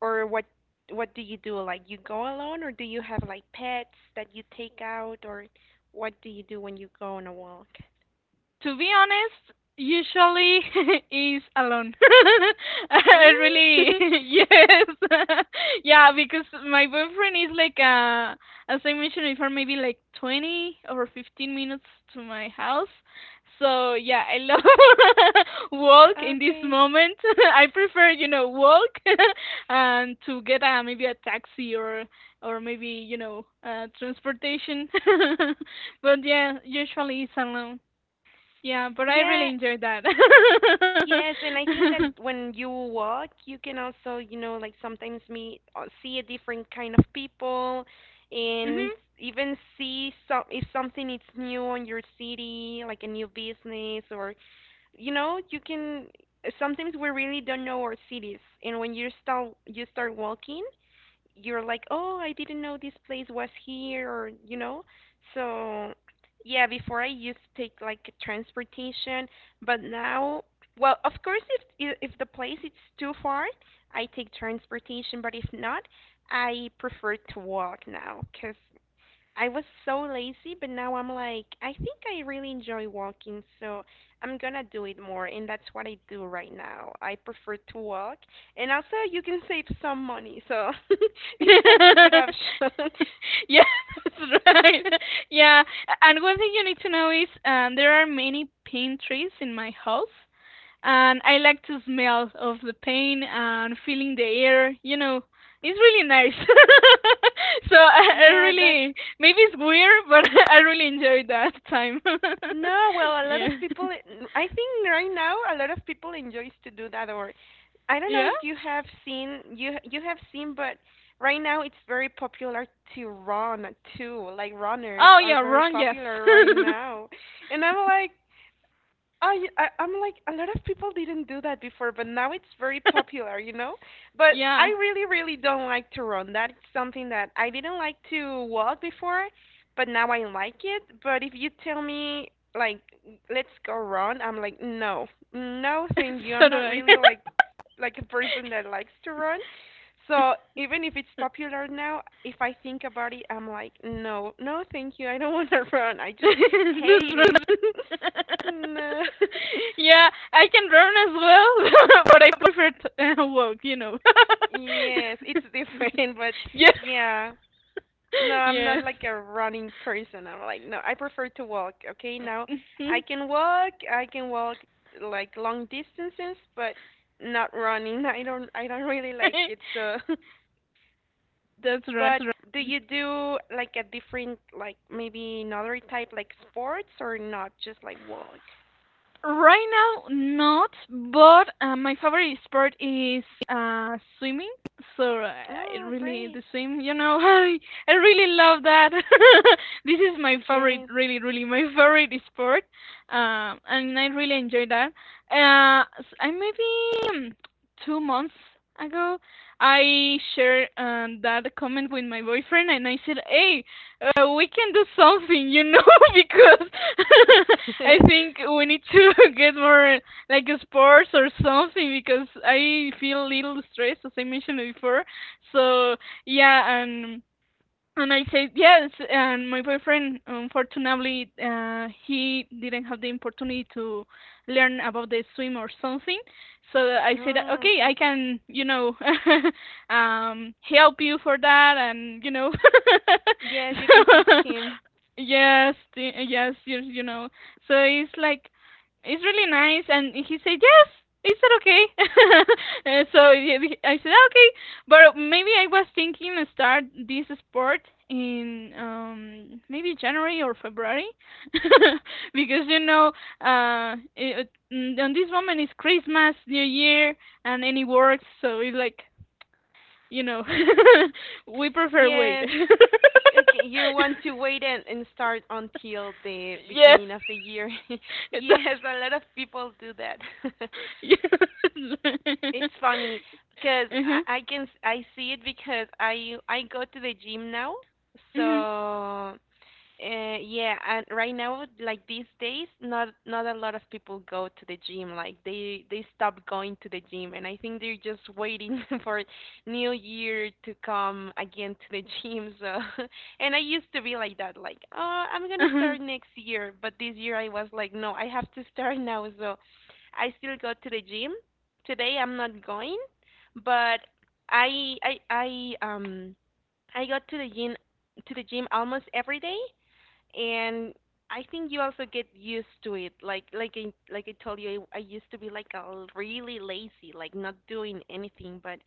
[SPEAKER 1] or what do you do? Like you go alone, or do you have like pets that you take out, or what do you do when you go on a walk?
[SPEAKER 2] To be honest, usually is alone. I
[SPEAKER 1] Really?
[SPEAKER 2] really, yes, yeah, because my boyfriend is like, as I mentioned before, maybe like 20 or 15 minutes to my house. So yeah, I love walk in this
[SPEAKER 1] Okay.
[SPEAKER 2] moment. I prefer, you know, walk and to get a maybe a taxi or maybe you know transportation. But yeah, usually it's alone. Yeah, but I really
[SPEAKER 1] Yeah,
[SPEAKER 2] enjoyed that.
[SPEAKER 1] yes, and I think that when you walk, you can also, you know, like sometimes meet or see a different kind of people, and
[SPEAKER 2] Mhm.
[SPEAKER 1] even see some, if something is new on your city, like a new business or you know, you can, sometimes we really don't know our cities. And when you start walking, you're like, oh, I didn't know this place was here, or you know. So yeah, before I used to take like transportation, but now, well, of course, if the place is too far, I take transportation. But if not, I prefer to walk now, cause I was so lazy, but now I'm like, I think I really enjoy walking, so I'm gonna do it more, and that's what I do right now. I prefer to walk, and also you can save some money, so it's also a good option.
[SPEAKER 2] yeah, that's right. Yeah, and one thing you need to know is there are many pine trees in my house, and I like to smell of the pine and feeling the air. You know, it's really nice. So I
[SPEAKER 1] Yeah, that.
[SPEAKER 2] really, maybe it's weird, but I really enjoyed that time.
[SPEAKER 1] No, well, a lot
[SPEAKER 2] Yeah.
[SPEAKER 1] of people, I think right now a lot of people enjoys to do that, or I don't know
[SPEAKER 2] Yeah.
[SPEAKER 1] if you have seen, you have seen, but right now it's very popular to run too. Like runners
[SPEAKER 2] Oh
[SPEAKER 1] are
[SPEAKER 2] yeah,
[SPEAKER 1] very
[SPEAKER 2] run. Yes.
[SPEAKER 1] popular right now. And I'm like I'm like a lot of people didn't do that before, but now it's very popular, you know. But I
[SPEAKER 2] Yeah.
[SPEAKER 1] really, really don't like to run. That's something that I didn't like to walk before, but now I like it. But if you tell me like let's go run, I'm like no, no, thank you.
[SPEAKER 2] So
[SPEAKER 1] I'm
[SPEAKER 2] do
[SPEAKER 1] not
[SPEAKER 2] I.
[SPEAKER 1] really like a person that likes to run. So even if it's popular now, if I think about it, I'm like no, no, thank you. I don't want to run. I just
[SPEAKER 2] This
[SPEAKER 1] hate it.
[SPEAKER 2] run.
[SPEAKER 1] No.
[SPEAKER 2] Yeah, I can run as well, but I prefer to walk. You know.
[SPEAKER 1] Yes, it's different, but
[SPEAKER 2] Yes.
[SPEAKER 1] yeah. No, I'm not
[SPEAKER 2] Yes.
[SPEAKER 1] like a running person. I'm like, no, I prefer to walk, okay? Now, I can walk like long distances, but not running. I don't really like it, so
[SPEAKER 2] That's right.
[SPEAKER 1] but
[SPEAKER 2] That's
[SPEAKER 1] do
[SPEAKER 2] right.
[SPEAKER 1] you do like a different like maybe another type like sports or not just like walk?
[SPEAKER 2] Right now, not, but my favorite sport is swimming. So uh, I
[SPEAKER 1] Oh,
[SPEAKER 2] really
[SPEAKER 1] great.
[SPEAKER 2] the swim, you know, I really love that. This is my favorite,
[SPEAKER 1] Yes.
[SPEAKER 2] really, really my favorite sport, and I really enjoy that. I maybe 2 months ago, I shared that comment with my boyfriend, and I said, "Hey, we can do something, you know, because I think we need to get more like sports or something because I feel a little stressed, as I mentioned before. So yeah, and I said yes, and my boyfriend, unfortunately, he didn't have the opportunity to learn about the swim or something. So I said,
[SPEAKER 1] Oh,
[SPEAKER 2] okay, I
[SPEAKER 1] okay.
[SPEAKER 2] can, you know, help you for that, and you know,
[SPEAKER 1] Yes, you can teach
[SPEAKER 2] so,
[SPEAKER 1] him.
[SPEAKER 2] yes, yes, you know. So it's like it's really nice, and he said yes. Is that okay? And so yeah, I said okay, but maybe I was thinking to start this sport in maybe January or February because you know, on this moment is Christmas, New Year, and any works, so it's like you know we prefer wait.
[SPEAKER 1] Yes. Okay, you want to wait and start until the
[SPEAKER 2] Yes,
[SPEAKER 1] beginning of the year.
[SPEAKER 2] it does.
[SPEAKER 1] Yes, a lot of people do that.
[SPEAKER 2] Yes.
[SPEAKER 1] It's funny because
[SPEAKER 2] Uh-huh.
[SPEAKER 1] I can I see it because I go to the gym now. So
[SPEAKER 2] Mhm.
[SPEAKER 1] yeah, and right now, like these days, not a lot of people go to the gym. Like they stop going to the gym, and I think they're just waiting for New Year to come again to the gym. So, and I used to be like that, like, oh, I'm gonna
[SPEAKER 2] Uh-huh.
[SPEAKER 1] start next year, but this year I was like, no, I have to start now. So, I still go to the gym. Today I'm not going, but I I got to the gym almost every day and I think you also get used to it. Like I like I told you, I used to be like a really lazy, like not doing anything. But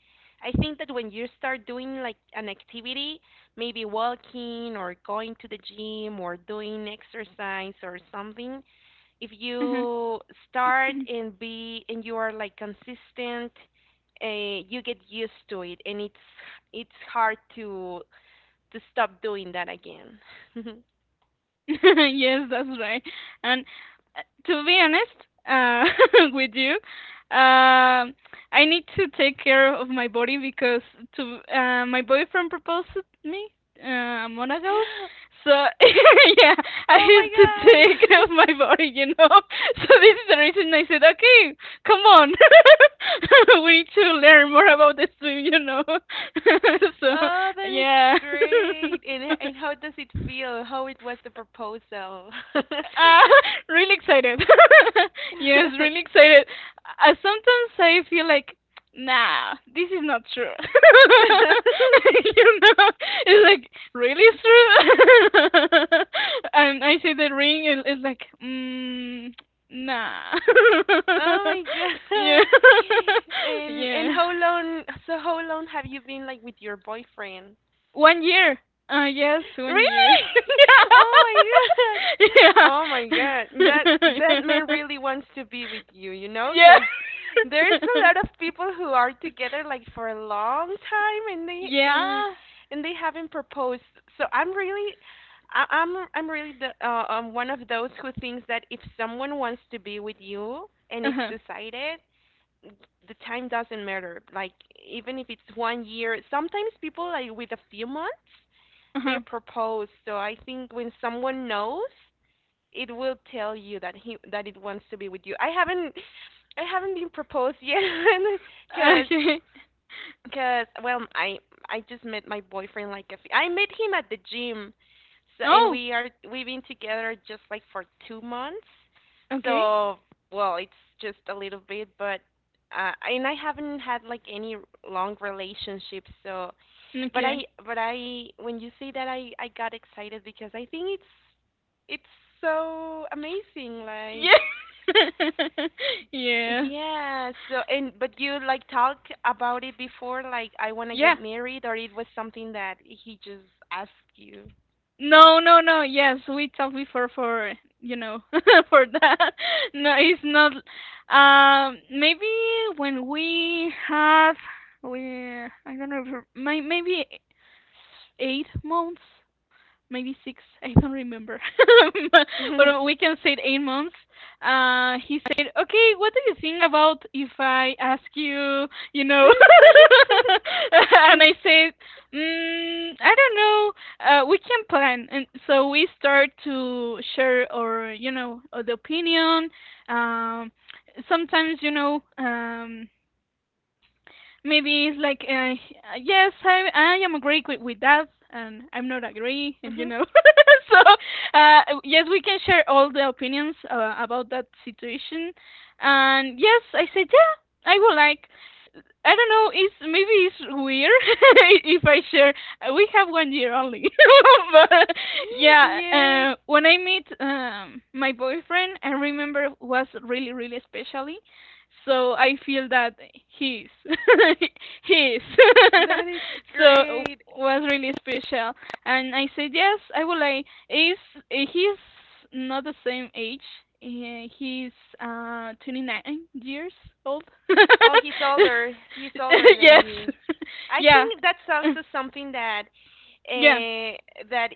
[SPEAKER 1] I think that when you start doing like an activity, maybe walking or going to the gym or doing exercise or something, if
[SPEAKER 2] Uh-huh.
[SPEAKER 1] you start and be and you are like consistent, you get used to it, and it's hard to stop doing that again.
[SPEAKER 2] Yes, that's right. And to be honest with you, um I need to take care of my body because to my boyfriend proposed to me a month ago. So yeah,
[SPEAKER 1] Oh
[SPEAKER 2] I have to take
[SPEAKER 1] my
[SPEAKER 2] care
[SPEAKER 1] god.
[SPEAKER 2] of my body, you know. So this is the reason I said, okay, come on, we need to learn more about this, swim, you know. So
[SPEAKER 1] Oh, that is
[SPEAKER 2] yeah.
[SPEAKER 1] great. And how does it feel? How it was the proposal?
[SPEAKER 2] Uh, really excited. Yes, really excited. Sometimes I feel like, nah, this is not true. You know, it's like really it's true. And I see the ring, and it's like, mm, nah.
[SPEAKER 1] Oh my
[SPEAKER 2] Yeah,
[SPEAKER 1] god. And
[SPEAKER 2] yeah.
[SPEAKER 1] how long so how long have you been like with your boyfriend?
[SPEAKER 2] One year. Yes, one year.
[SPEAKER 1] Really? Oh my god.
[SPEAKER 2] Yeah.
[SPEAKER 1] Oh my god. That that man
[SPEAKER 2] yeah.
[SPEAKER 1] really wants to be with you, you know, 'cause there's a
[SPEAKER 2] Yeah.
[SPEAKER 1] lot of people who are together like for a long time
[SPEAKER 2] yeah.
[SPEAKER 1] and they haven't proposed. So I'm really I'm really the one of those who thinks that if someone wants to be with you and it's
[SPEAKER 2] Uh-huh.
[SPEAKER 1] decided, the time doesn't matter. Like even if it's 1 year, sometimes people like with a few months they
[SPEAKER 2] Uh-huh.
[SPEAKER 1] propose. So I think when someone knows, it will tell you that he that it wants to be with you. I haven't been proposed yet because
[SPEAKER 2] Okay.
[SPEAKER 1] because well, I just met my boyfriend like a few, I met him at the gym, so and
[SPEAKER 2] No.
[SPEAKER 1] we are we've been together just like for 2 months.
[SPEAKER 2] Okay.
[SPEAKER 1] So well, it's just a little bit, but and I haven't had like any long relationships. So, but I
[SPEAKER 2] Okay.
[SPEAKER 1] but I when you say that I got excited because I think it's so amazing. Like
[SPEAKER 2] Yeah. Yeah.
[SPEAKER 1] yeah, so and but you like talk about it before, like I wanna
[SPEAKER 2] Yeah.
[SPEAKER 1] get married, or it was something that he just asked you.
[SPEAKER 2] No, no, no. Yes, we talked before for, you know, for that. No, it's not. Maybe when we have, I don't know, maybe 8 months maybe six, I don't remember,
[SPEAKER 1] and
[SPEAKER 2] but we can say 8 months. He said, "Okay, what do you think about if I ask you, you know?" And I said, mm, "I don't know. We can plan." And so we start to share our, you know, the opinion. Um, sometimes, you know. Maybe it's like yes I am agree with that and I'm not agree and you know so yes we can share all the opinions about that situation and yes I said yeah I would like. I don't know. It's maybe it's weird if I share. We have one year only, but yeah.
[SPEAKER 1] yes,
[SPEAKER 2] When I met my boyfriend, I remember was really really specially. So I feel that he's he's
[SPEAKER 1] that is
[SPEAKER 2] so
[SPEAKER 1] great.
[SPEAKER 2] was really special. And I said, yes, I would like. Is he's not the same age. He's 29 years old.
[SPEAKER 1] Oh, he's older. He's older than
[SPEAKER 2] Yes,
[SPEAKER 1] you. I
[SPEAKER 2] yeah,
[SPEAKER 1] think that's also something that
[SPEAKER 2] yeah,
[SPEAKER 1] uh, that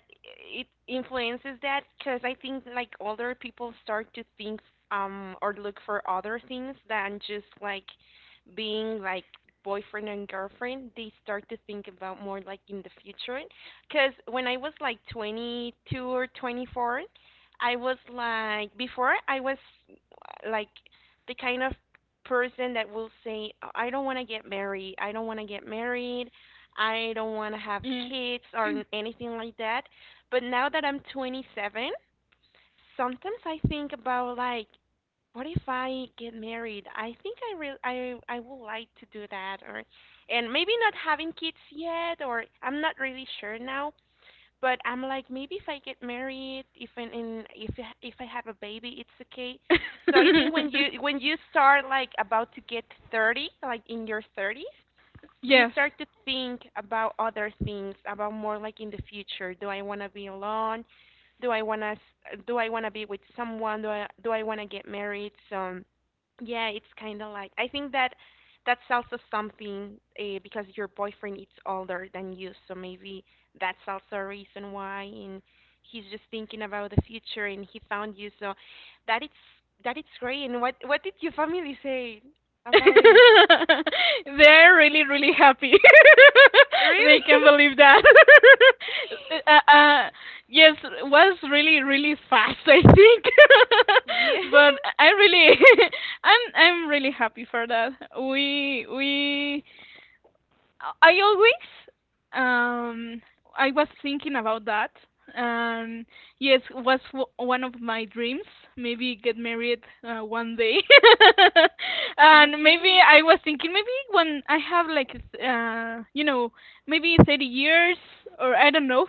[SPEAKER 1] it influences that because I think like older people start to think or look for other things than just like being like boyfriend and girlfriend. They start to think about more like in the future. Because when I was like 22 or 24, I was like before I was like the kind of person that will say, "I don't want to get married. I don't want to get married. I don't want to have
[SPEAKER 2] yeah.
[SPEAKER 1] kids or anything like that." But now that I'm 27, sometimes I think about like, what if I get married? I think I I would like to do that or and maybe not having kids yet or I'm not really sure now, but I'm like, maybe if I get married, if in, in if if I have a baby, it's okay. So I think when you start like about to get 30, like in your 30s, you
[SPEAKER 2] Yes.
[SPEAKER 1] start to think about other things about more like in the future. Do I want to be alone, do I want to do I want to be with someone, do I do I want to get married? So yeah, it's kind of like I think that that's also something because your boyfriend is older than you, so maybe that's also a reason why, and he's just thinking about the future and he found you, so that it's that it's great. And what did your family say about it?
[SPEAKER 2] They're really, really happy. They
[SPEAKER 1] Really?
[SPEAKER 2] can't believe that. uh, uh, yes, was really, really fast. I think,
[SPEAKER 1] yeah.
[SPEAKER 2] but I really, I'm really happy for that. We I always I was thinking about that. Um yes, was one of my dreams, maybe get married one day. And maybe
[SPEAKER 1] Okay.
[SPEAKER 2] I was thinking maybe when I have like you know, maybe 30 years or I don't know.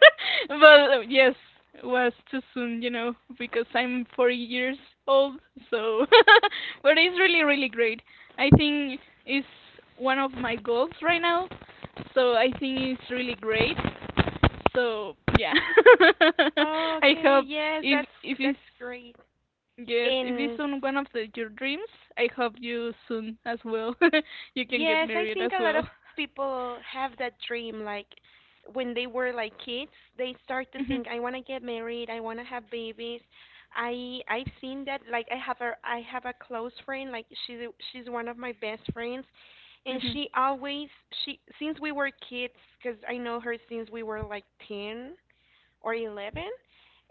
[SPEAKER 2] But yes, was too soon, you know, because I'm 40 years old. So but it's really really great. I think is one of my goals right now. So I think it's really great. So yeah, I
[SPEAKER 1] Okay,
[SPEAKER 2] hope
[SPEAKER 1] yes,
[SPEAKER 2] if it's
[SPEAKER 1] that's great.
[SPEAKER 2] yes if it's
[SPEAKER 1] And
[SPEAKER 2] on one of the, your dreams, I hope you soon as well you can get
[SPEAKER 1] yes, I
[SPEAKER 2] married
[SPEAKER 1] think
[SPEAKER 2] as
[SPEAKER 1] a lot
[SPEAKER 2] well.
[SPEAKER 1] of people have that dream like when they were like kids, they start to think
[SPEAKER 2] Mhm,
[SPEAKER 1] I want to get married, I want to have babies. I've seen that. Like I have a close friend. Like she's one of my best friends and
[SPEAKER 2] mhm,
[SPEAKER 1] she always she since we were kids cuz I know her since we were like 10 or 11,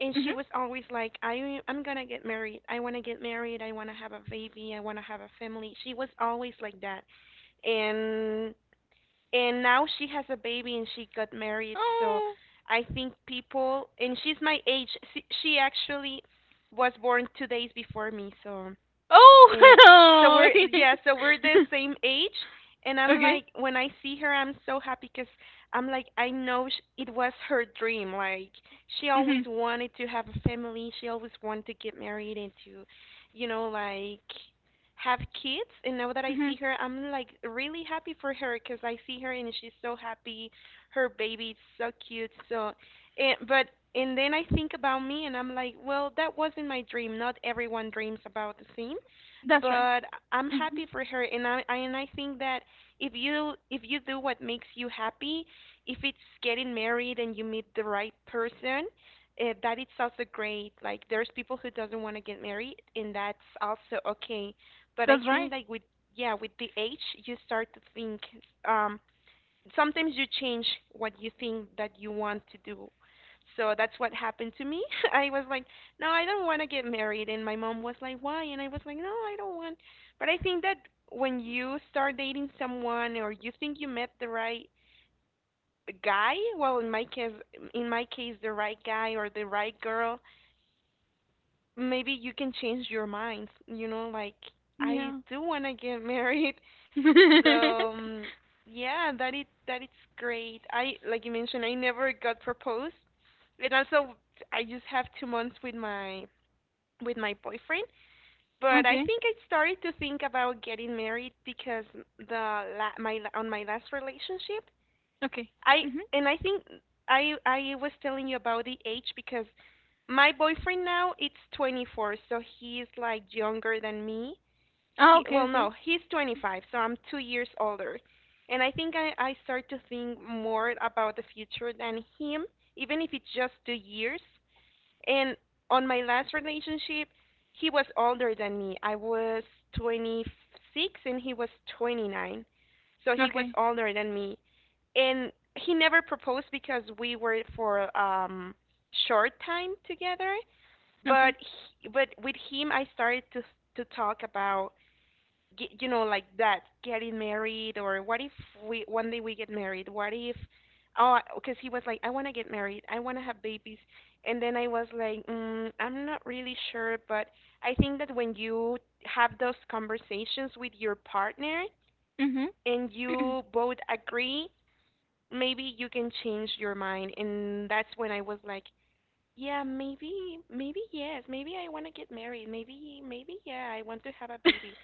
[SPEAKER 1] and she
[SPEAKER 2] mhm.
[SPEAKER 1] was always like I'm going to get married, I want to get married, I want to have a baby, I want to have a family. She was always like that. and and now she has a baby and she got married, so
[SPEAKER 2] Oh,
[SPEAKER 1] I think people and she's my age. She actually was born 2 days before me, so Eh, so
[SPEAKER 2] oh,
[SPEAKER 1] we're yeah, so we're the same age, and I'm
[SPEAKER 2] okay.
[SPEAKER 1] like, when I see her, I'm so happy because I'm like, I know it was her dream. Like she always
[SPEAKER 2] Mhm,
[SPEAKER 1] wanted to have a family. She always wanted to get married and to, you know, like have kids. And now that I
[SPEAKER 2] mhm.
[SPEAKER 1] see her, I'm like really happy for her because I see her and she's so happy. Her baby is so cute. So, and but and then I think about me and I'm like, well, that wasn't my dream. Not everyone dreams about the same,
[SPEAKER 2] That's right.
[SPEAKER 1] but I'm happy
[SPEAKER 2] Mhm.
[SPEAKER 1] for her, and I and I think that if you do what makes you happy, if it's getting married and you meet the right person, that it's also great. Like there's people who doesn't want to get married, and that's also okay. But I
[SPEAKER 2] That's
[SPEAKER 1] think
[SPEAKER 2] right.
[SPEAKER 1] like with yeah with the age, you start to think um sometimes you change what you think that you want to do. So that's what happened to me. I was like, no, I don't want to get married. And my mom was like, why? And I was like, no, I don't want. But I think that when you start dating someone or you think you met the right guy, well, in my case, the right guy or the right girl, maybe you can change your mind. You know, like I
[SPEAKER 2] Yeah.
[SPEAKER 1] do want to get married. So yeah, that it that it's great. I like you mentioned, I never got proposed, and also I just have 2 months with my boyfriend. But I
[SPEAKER 2] Okay.
[SPEAKER 1] think I started to think about getting married because the la- my la- on my last relationship,
[SPEAKER 2] Okay.
[SPEAKER 1] I
[SPEAKER 2] Mhm.
[SPEAKER 1] and I think I was telling you about the age because my boyfriend now it's 24, so he's like younger than me
[SPEAKER 2] Oh
[SPEAKER 1] he
[SPEAKER 2] okay,
[SPEAKER 1] well, no,
[SPEAKER 2] okay.
[SPEAKER 1] he's 25, so I'm 2 years older, and I think I start to think more about the future than him, even if it's just 2 years. And on my last relationship, he was older than me. I was 26 and he was 29, so he was
[SPEAKER 2] Okay.
[SPEAKER 1] older than me, and he never proposed because we were for short time together but
[SPEAKER 2] Okay.
[SPEAKER 1] he, but with him I started to talk about you know, like that, getting married, or what if we one day we get married? What if, oh, because he was like, I want to get married, I want to have babies, and then I was like, mm, I'm not really sure, but I think that when you have those conversations with your partner
[SPEAKER 2] Mhm.
[SPEAKER 1] and you both agree, maybe you can change your mind, and that's when I was like, yeah, maybe, maybe yes. Maybe I want to get married. Maybe, maybe yeah, I want to have a baby.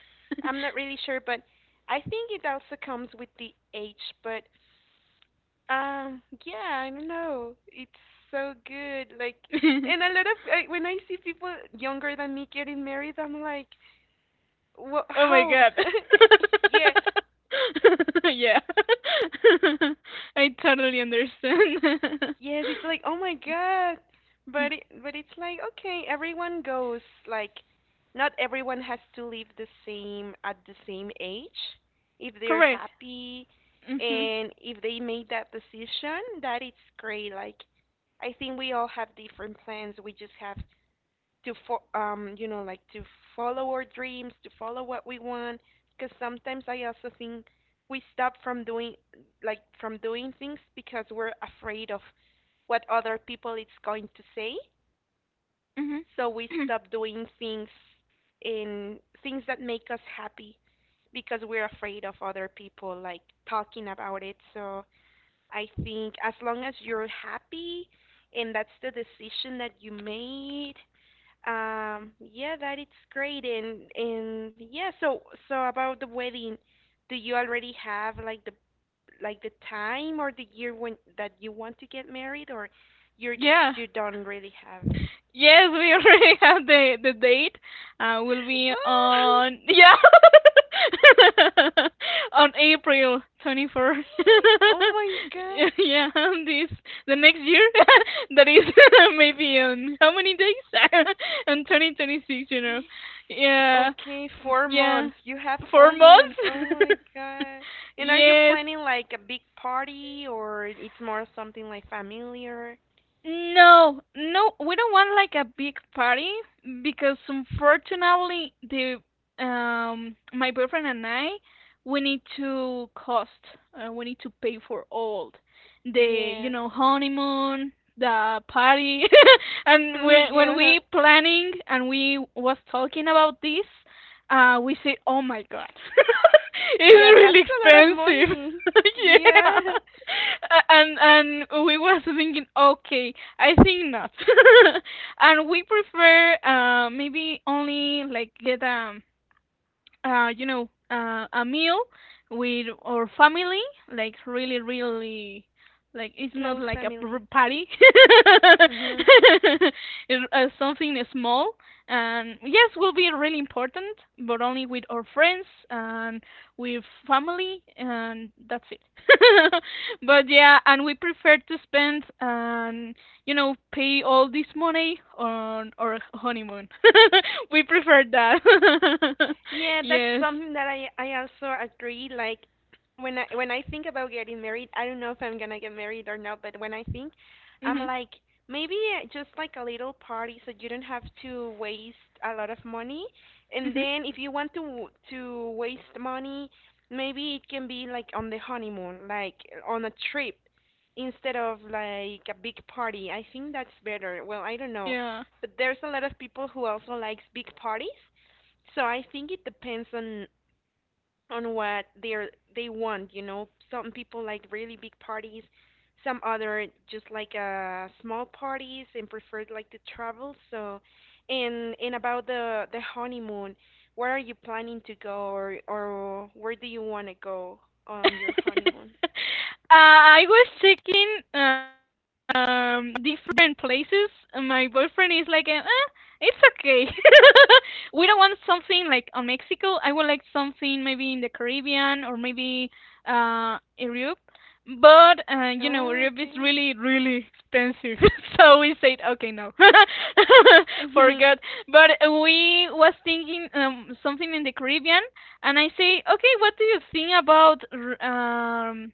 [SPEAKER 1] I'm not really sure, but I think it also comes with the age. But yeah, I don't know. It's so good. Like, and a lot of when I see people younger than me getting married, I'm like, what?
[SPEAKER 2] Oh my
[SPEAKER 1] How?
[SPEAKER 2] god.
[SPEAKER 1] yeah,
[SPEAKER 2] Yeah. I totally understand.
[SPEAKER 1] yes, it's like, oh my God. But but it's like, okay, everyone goes like not everyone has to live the same at the same age. If they're
[SPEAKER 2] Correct.
[SPEAKER 1] happy
[SPEAKER 2] Mhm.
[SPEAKER 1] and if they made that decision, that it's great. Like I think we all have different plans. We just have to you know, like to follow our dreams, to follow what we want. Because sometimes I also think we stop from doing, like, from doing things because we're afraid of what other people it's going to say.
[SPEAKER 2] Mhm.
[SPEAKER 1] So we stop doing things in things that make us happy because we're afraid of other people, like, talking about it. So I think as long as you're happy and that's the decision that you made, yeah, that it's great. And yeah, so about the wedding, do you already have like the time or the year when that you want to get married, or you're
[SPEAKER 2] Yeah.
[SPEAKER 1] you don't really have?
[SPEAKER 2] Yes, we already have the date. Will be
[SPEAKER 1] Oh,
[SPEAKER 2] on yeah on April 24.
[SPEAKER 1] oh my
[SPEAKER 2] Yeah, this the next year that is maybe on how many days on 2026. You know,
[SPEAKER 1] God.
[SPEAKER 2] yeah,
[SPEAKER 1] Okay,
[SPEAKER 2] mm,
[SPEAKER 1] four
[SPEAKER 2] yeah,
[SPEAKER 1] months. You have
[SPEAKER 2] four
[SPEAKER 1] 4 months. Oh
[SPEAKER 2] months.
[SPEAKER 1] my God. And are you
[SPEAKER 2] Yes,
[SPEAKER 1] planning like a big party or it's more something like familiar?
[SPEAKER 2] no, no, we don't want like a big party because unfortunately the my boyfriend and I we need to cost we need to pay for all the you
[SPEAKER 1] Yes.
[SPEAKER 2] know honeymoon, the party, and when
[SPEAKER 1] Yeah.
[SPEAKER 2] we planning and we was talking about this we say, "Oh my God,
[SPEAKER 1] Yeah,
[SPEAKER 2] it's really
[SPEAKER 1] that's a lot of
[SPEAKER 2] expensive."
[SPEAKER 1] money.
[SPEAKER 2] Yeah,
[SPEAKER 1] Yeah.
[SPEAKER 2] and we was thinking, okay, I think not, and we prefer maybe only like get you know, a meal with our family, like really, really, like it's not
[SPEAKER 1] Close
[SPEAKER 2] like a
[SPEAKER 1] family.
[SPEAKER 2] party,
[SPEAKER 1] hmm
[SPEAKER 2] it's, something small. And yes, will be really important, but only with our friends and with family, and that's it. But yeah, and we prefer to spend you know, pay all this money on our honeymoon. We preferred that.
[SPEAKER 1] Yeah, that's
[SPEAKER 2] Yes.
[SPEAKER 1] something that I also agree. Like when I think about getting married, I don't know if I'm gonna get married or not, but when I think, I'm
[SPEAKER 2] Mhm.
[SPEAKER 1] like maybe just like a little party so you don't have to waste a lot of money. And
[SPEAKER 2] Mhm.
[SPEAKER 1] then if you want to waste money, maybe it can be like on the honeymoon, like on a trip instead of like a big party. I think that's better. Well, I don't know.
[SPEAKER 2] Yeah.
[SPEAKER 1] But there's a lot of people who also likes big parties. So I think it depends on what they want, you know. Some people like really big parties, some other just like small parties and prefer like to travel. So and about the honeymoon, where are you planning to go or where do you want to go on your honeymoon?
[SPEAKER 2] I was checking different places. My boyfriend is like, eh, it's okay. We don't want something like on Mexico. I would like something maybe in the Caribbean or maybe Europe. But you know,
[SPEAKER 1] Oh,
[SPEAKER 2] Europe is
[SPEAKER 1] okay.
[SPEAKER 2] really, really expensive. So we said, okay, no,
[SPEAKER 1] Mhm.
[SPEAKER 2] forgot. But we was thinking something in the Caribbean and I say, okay, what do you think about um,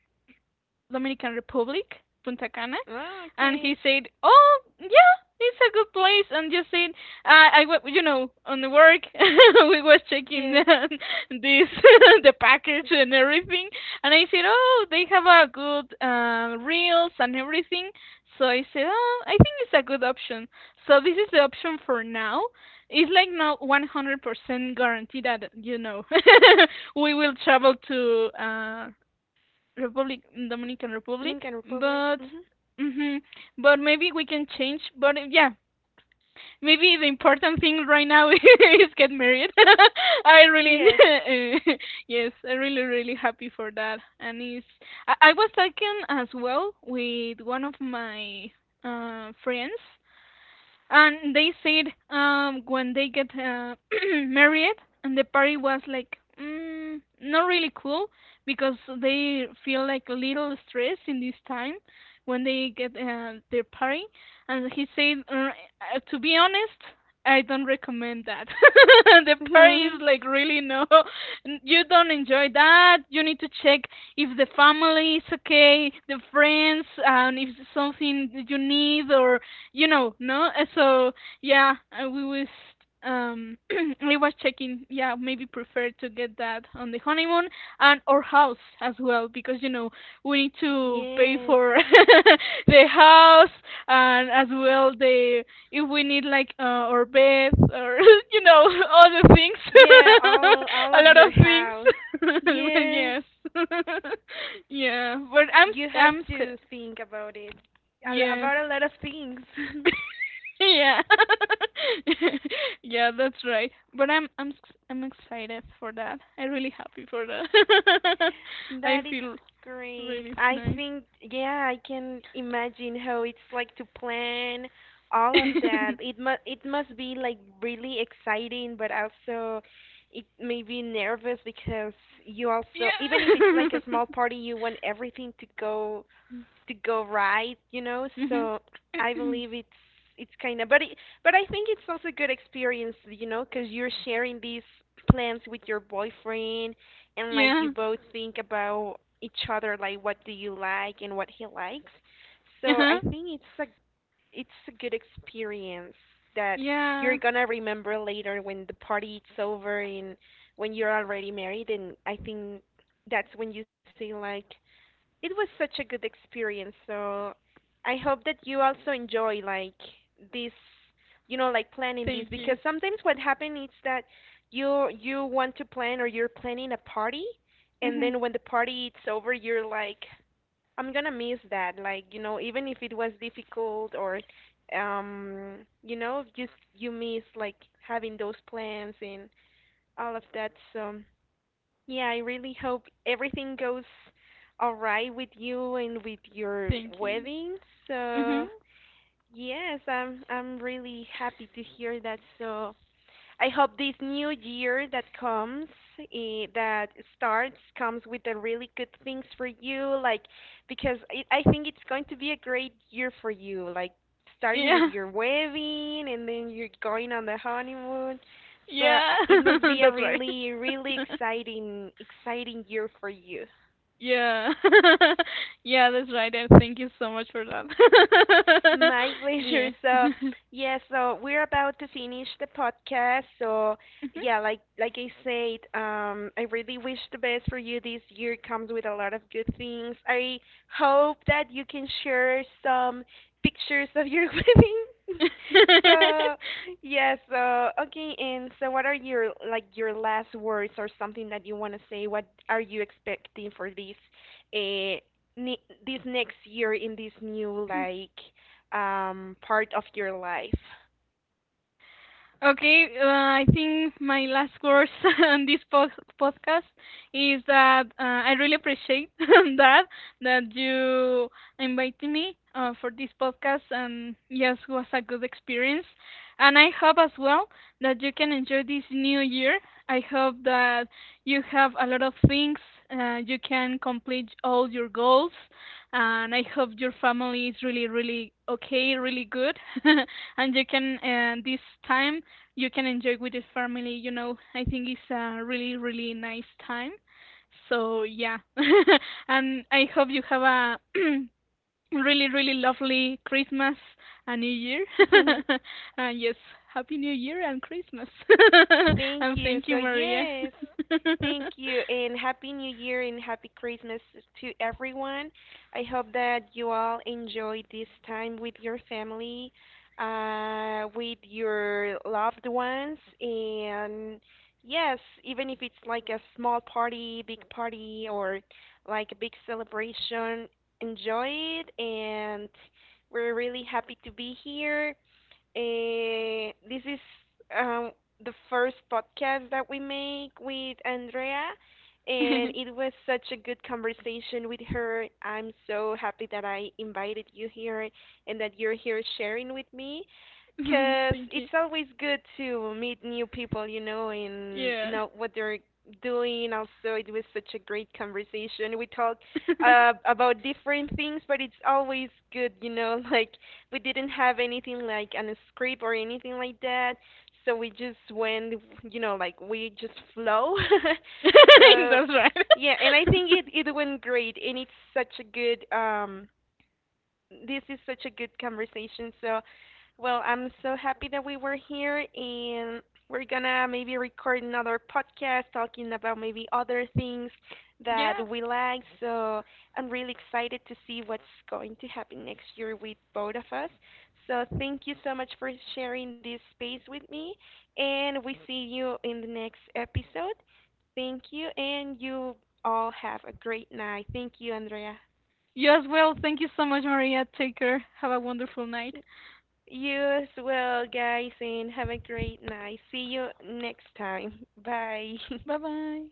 [SPEAKER 2] Dominican Republic, Punta Cana,
[SPEAKER 1] Oh,
[SPEAKER 2] and he
[SPEAKER 1] okay.
[SPEAKER 2] said, "Oh, yeah, it's a good place." And just said, "I, you know, on the work, we was checking
[SPEAKER 1] Yes.
[SPEAKER 2] this the package and everything, and I said, "Oh, they have a good reels and everything." So I said, "Oh, I think it's a good option." So this is the option for now. It's like not 100% guaranteed that you know we will travel to Republic Dominican Republic,
[SPEAKER 1] Dominican Republic.
[SPEAKER 2] but
[SPEAKER 1] Mhm.
[SPEAKER 2] hmm but maybe we can change. But yeah, maybe the important thing right now is get married. I really
[SPEAKER 1] Yes.
[SPEAKER 2] yes, I'm really really happy for that, and it's I was talking as well with one of my friends and they said when they get married and the party was like mm, not really cool because they feel like a little stress in this time when they get their party and he said to be honest I don't recommend that. The party is like really no, you don't enjoy that, you need to check if the family is okay, the friends, and if something you need or you know, no? So yeah, we was um we was checking yeah maybe prefer to get that on the honeymoon and our house as well because you know we need to pay
[SPEAKER 1] Yes.
[SPEAKER 2] for the house and as well the if we need like our bed or you know all the things
[SPEAKER 1] Yeah, all all
[SPEAKER 2] a
[SPEAKER 1] of
[SPEAKER 2] lot
[SPEAKER 1] your
[SPEAKER 2] of things
[SPEAKER 1] house. Yes,
[SPEAKER 2] yes yeah but i'm
[SPEAKER 1] you
[SPEAKER 2] s-
[SPEAKER 1] have
[SPEAKER 2] i'm sc-
[SPEAKER 1] to think about it.
[SPEAKER 2] yes
[SPEAKER 1] About a lot of things.
[SPEAKER 2] yeah. Yeah, that's right. But I'm I'm excited for that. I'm really happy for that. I
[SPEAKER 1] That it's
[SPEAKER 2] feel
[SPEAKER 1] great.
[SPEAKER 2] really
[SPEAKER 1] I
[SPEAKER 2] nice.
[SPEAKER 1] think yeah, I can imagine how it's like to plan all of that.
[SPEAKER 2] Yeah.
[SPEAKER 1] It must be like really exciting, but also it may be nervous because you also even if it's like a small party, you want everything to go right, you know.
[SPEAKER 2] Mhm.
[SPEAKER 1] So I believe it's kind of, but it, but I think it's also a good experience, you know, because you're sharing these plans with your boyfriend, and like you
[SPEAKER 2] Yeah.
[SPEAKER 1] both think about each other, like what do you like and what he likes. So I
[SPEAKER 2] Uh-huh.
[SPEAKER 1] think it's a good experience that you're
[SPEAKER 2] Yeah.
[SPEAKER 1] gonna remember later when the party is over and when you're already married, and I think that's when you say like it was such a good experience. So I hope that you also enjoy like this, you know, like planning this
[SPEAKER 2] Thank
[SPEAKER 1] because
[SPEAKER 2] you.
[SPEAKER 1] sometimes what happens is that you want to plan or you're planning a party and
[SPEAKER 2] Mhm.
[SPEAKER 1] then when the party is over you're like I'm going to miss that, like, you know, even if it was difficult or um you know just you miss like having those plans and all of that. So yeah, I really hope everything goes all right with you and with your
[SPEAKER 2] Thank you.
[SPEAKER 1] wedding.
[SPEAKER 2] Mhm.
[SPEAKER 1] So, yes, I'm really happy to hear that. So, I hope this new year that comes, that starts, comes with the really good things for you. Like, because it, I think it's going to be a great year for you. Like, starting with
[SPEAKER 2] Yeah.
[SPEAKER 1] your wedding and then you're going on the honeymoon. So
[SPEAKER 2] Yeah.
[SPEAKER 1] it must be a
[SPEAKER 2] That's right.
[SPEAKER 1] really, really exciting, exciting year for you.
[SPEAKER 2] Yeah. Yeah, that's right. And thank you so much for that.
[SPEAKER 1] My
[SPEAKER 2] Yeah.
[SPEAKER 1] pleasure. So, yeah, so we're about to finish the podcast. So, yeah, like I said, I really wish the best for you. This year comes with a lot of good things. I hope that you can share some pictures of your wedding.
[SPEAKER 2] Mhm.
[SPEAKER 1] So, yeah, so okay, and so what are your like your last words or something that you want to say? What are you expecting for this uh this next year in this new like part of your life.
[SPEAKER 2] Okay, I think my last words on this podcast is that I really appreciate that that you invited me for this podcast, and yes, it was a good experience. And I hope as well that you can enjoy this new year. I hope that you have a lot of things, you can complete all your goals, and I hope your family is really, really okay, really good, and you can this time you can enjoy with the family. You know, I think it's a really, really nice time. So yeah, and I hope you have a really, really lovely Christmas and New Year. And yes, Happy New Year and Christmas.
[SPEAKER 1] Thank
[SPEAKER 2] And
[SPEAKER 1] you.
[SPEAKER 2] thank you,
[SPEAKER 1] So,
[SPEAKER 2] Maria.
[SPEAKER 1] yes, thank you. And Happy New Year and Happy Christmas to everyone. I hope that you all enjoy this time with your family, with your loved ones. And yes, even if it's like a small party, big party, or like a big celebration, enjoy it. And we're really happy to be here. This is um, the first podcast that we make with Andrea, and
[SPEAKER 2] Thank
[SPEAKER 1] it was such a good conversation with her. I'm so happy that I invited you here and that you're here sharing with me because
[SPEAKER 2] you.
[SPEAKER 1] it's always good to meet new people, you know, and
[SPEAKER 2] Yeah.
[SPEAKER 1] know what they're doing. Also, it was such a great conversation. We talked about different things, but it's always good, you know, like we didn't have anything like an script or anything like that. So we just went, you know, like we just flow. So
[SPEAKER 2] That's right.
[SPEAKER 1] yeah, and I think it went great, and it's such a good this is such a good conversation. So, well, I'm so happy that we were here, and we're gonna maybe record another podcast talking about maybe other things that
[SPEAKER 2] Yeah.
[SPEAKER 1] we like. So, I'm really excited to see what's going to happen next year with both of us. So, thank you so much for sharing this space with me, and we see you in the next episode. Thank you, and you all have a great night. Thank you, Andrea.
[SPEAKER 2] You as well. Thank you so much, Maria. Take care. Have a wonderful night.
[SPEAKER 1] You as well, guys, and have a great night. See you next time. Bye.
[SPEAKER 2] Bye-bye.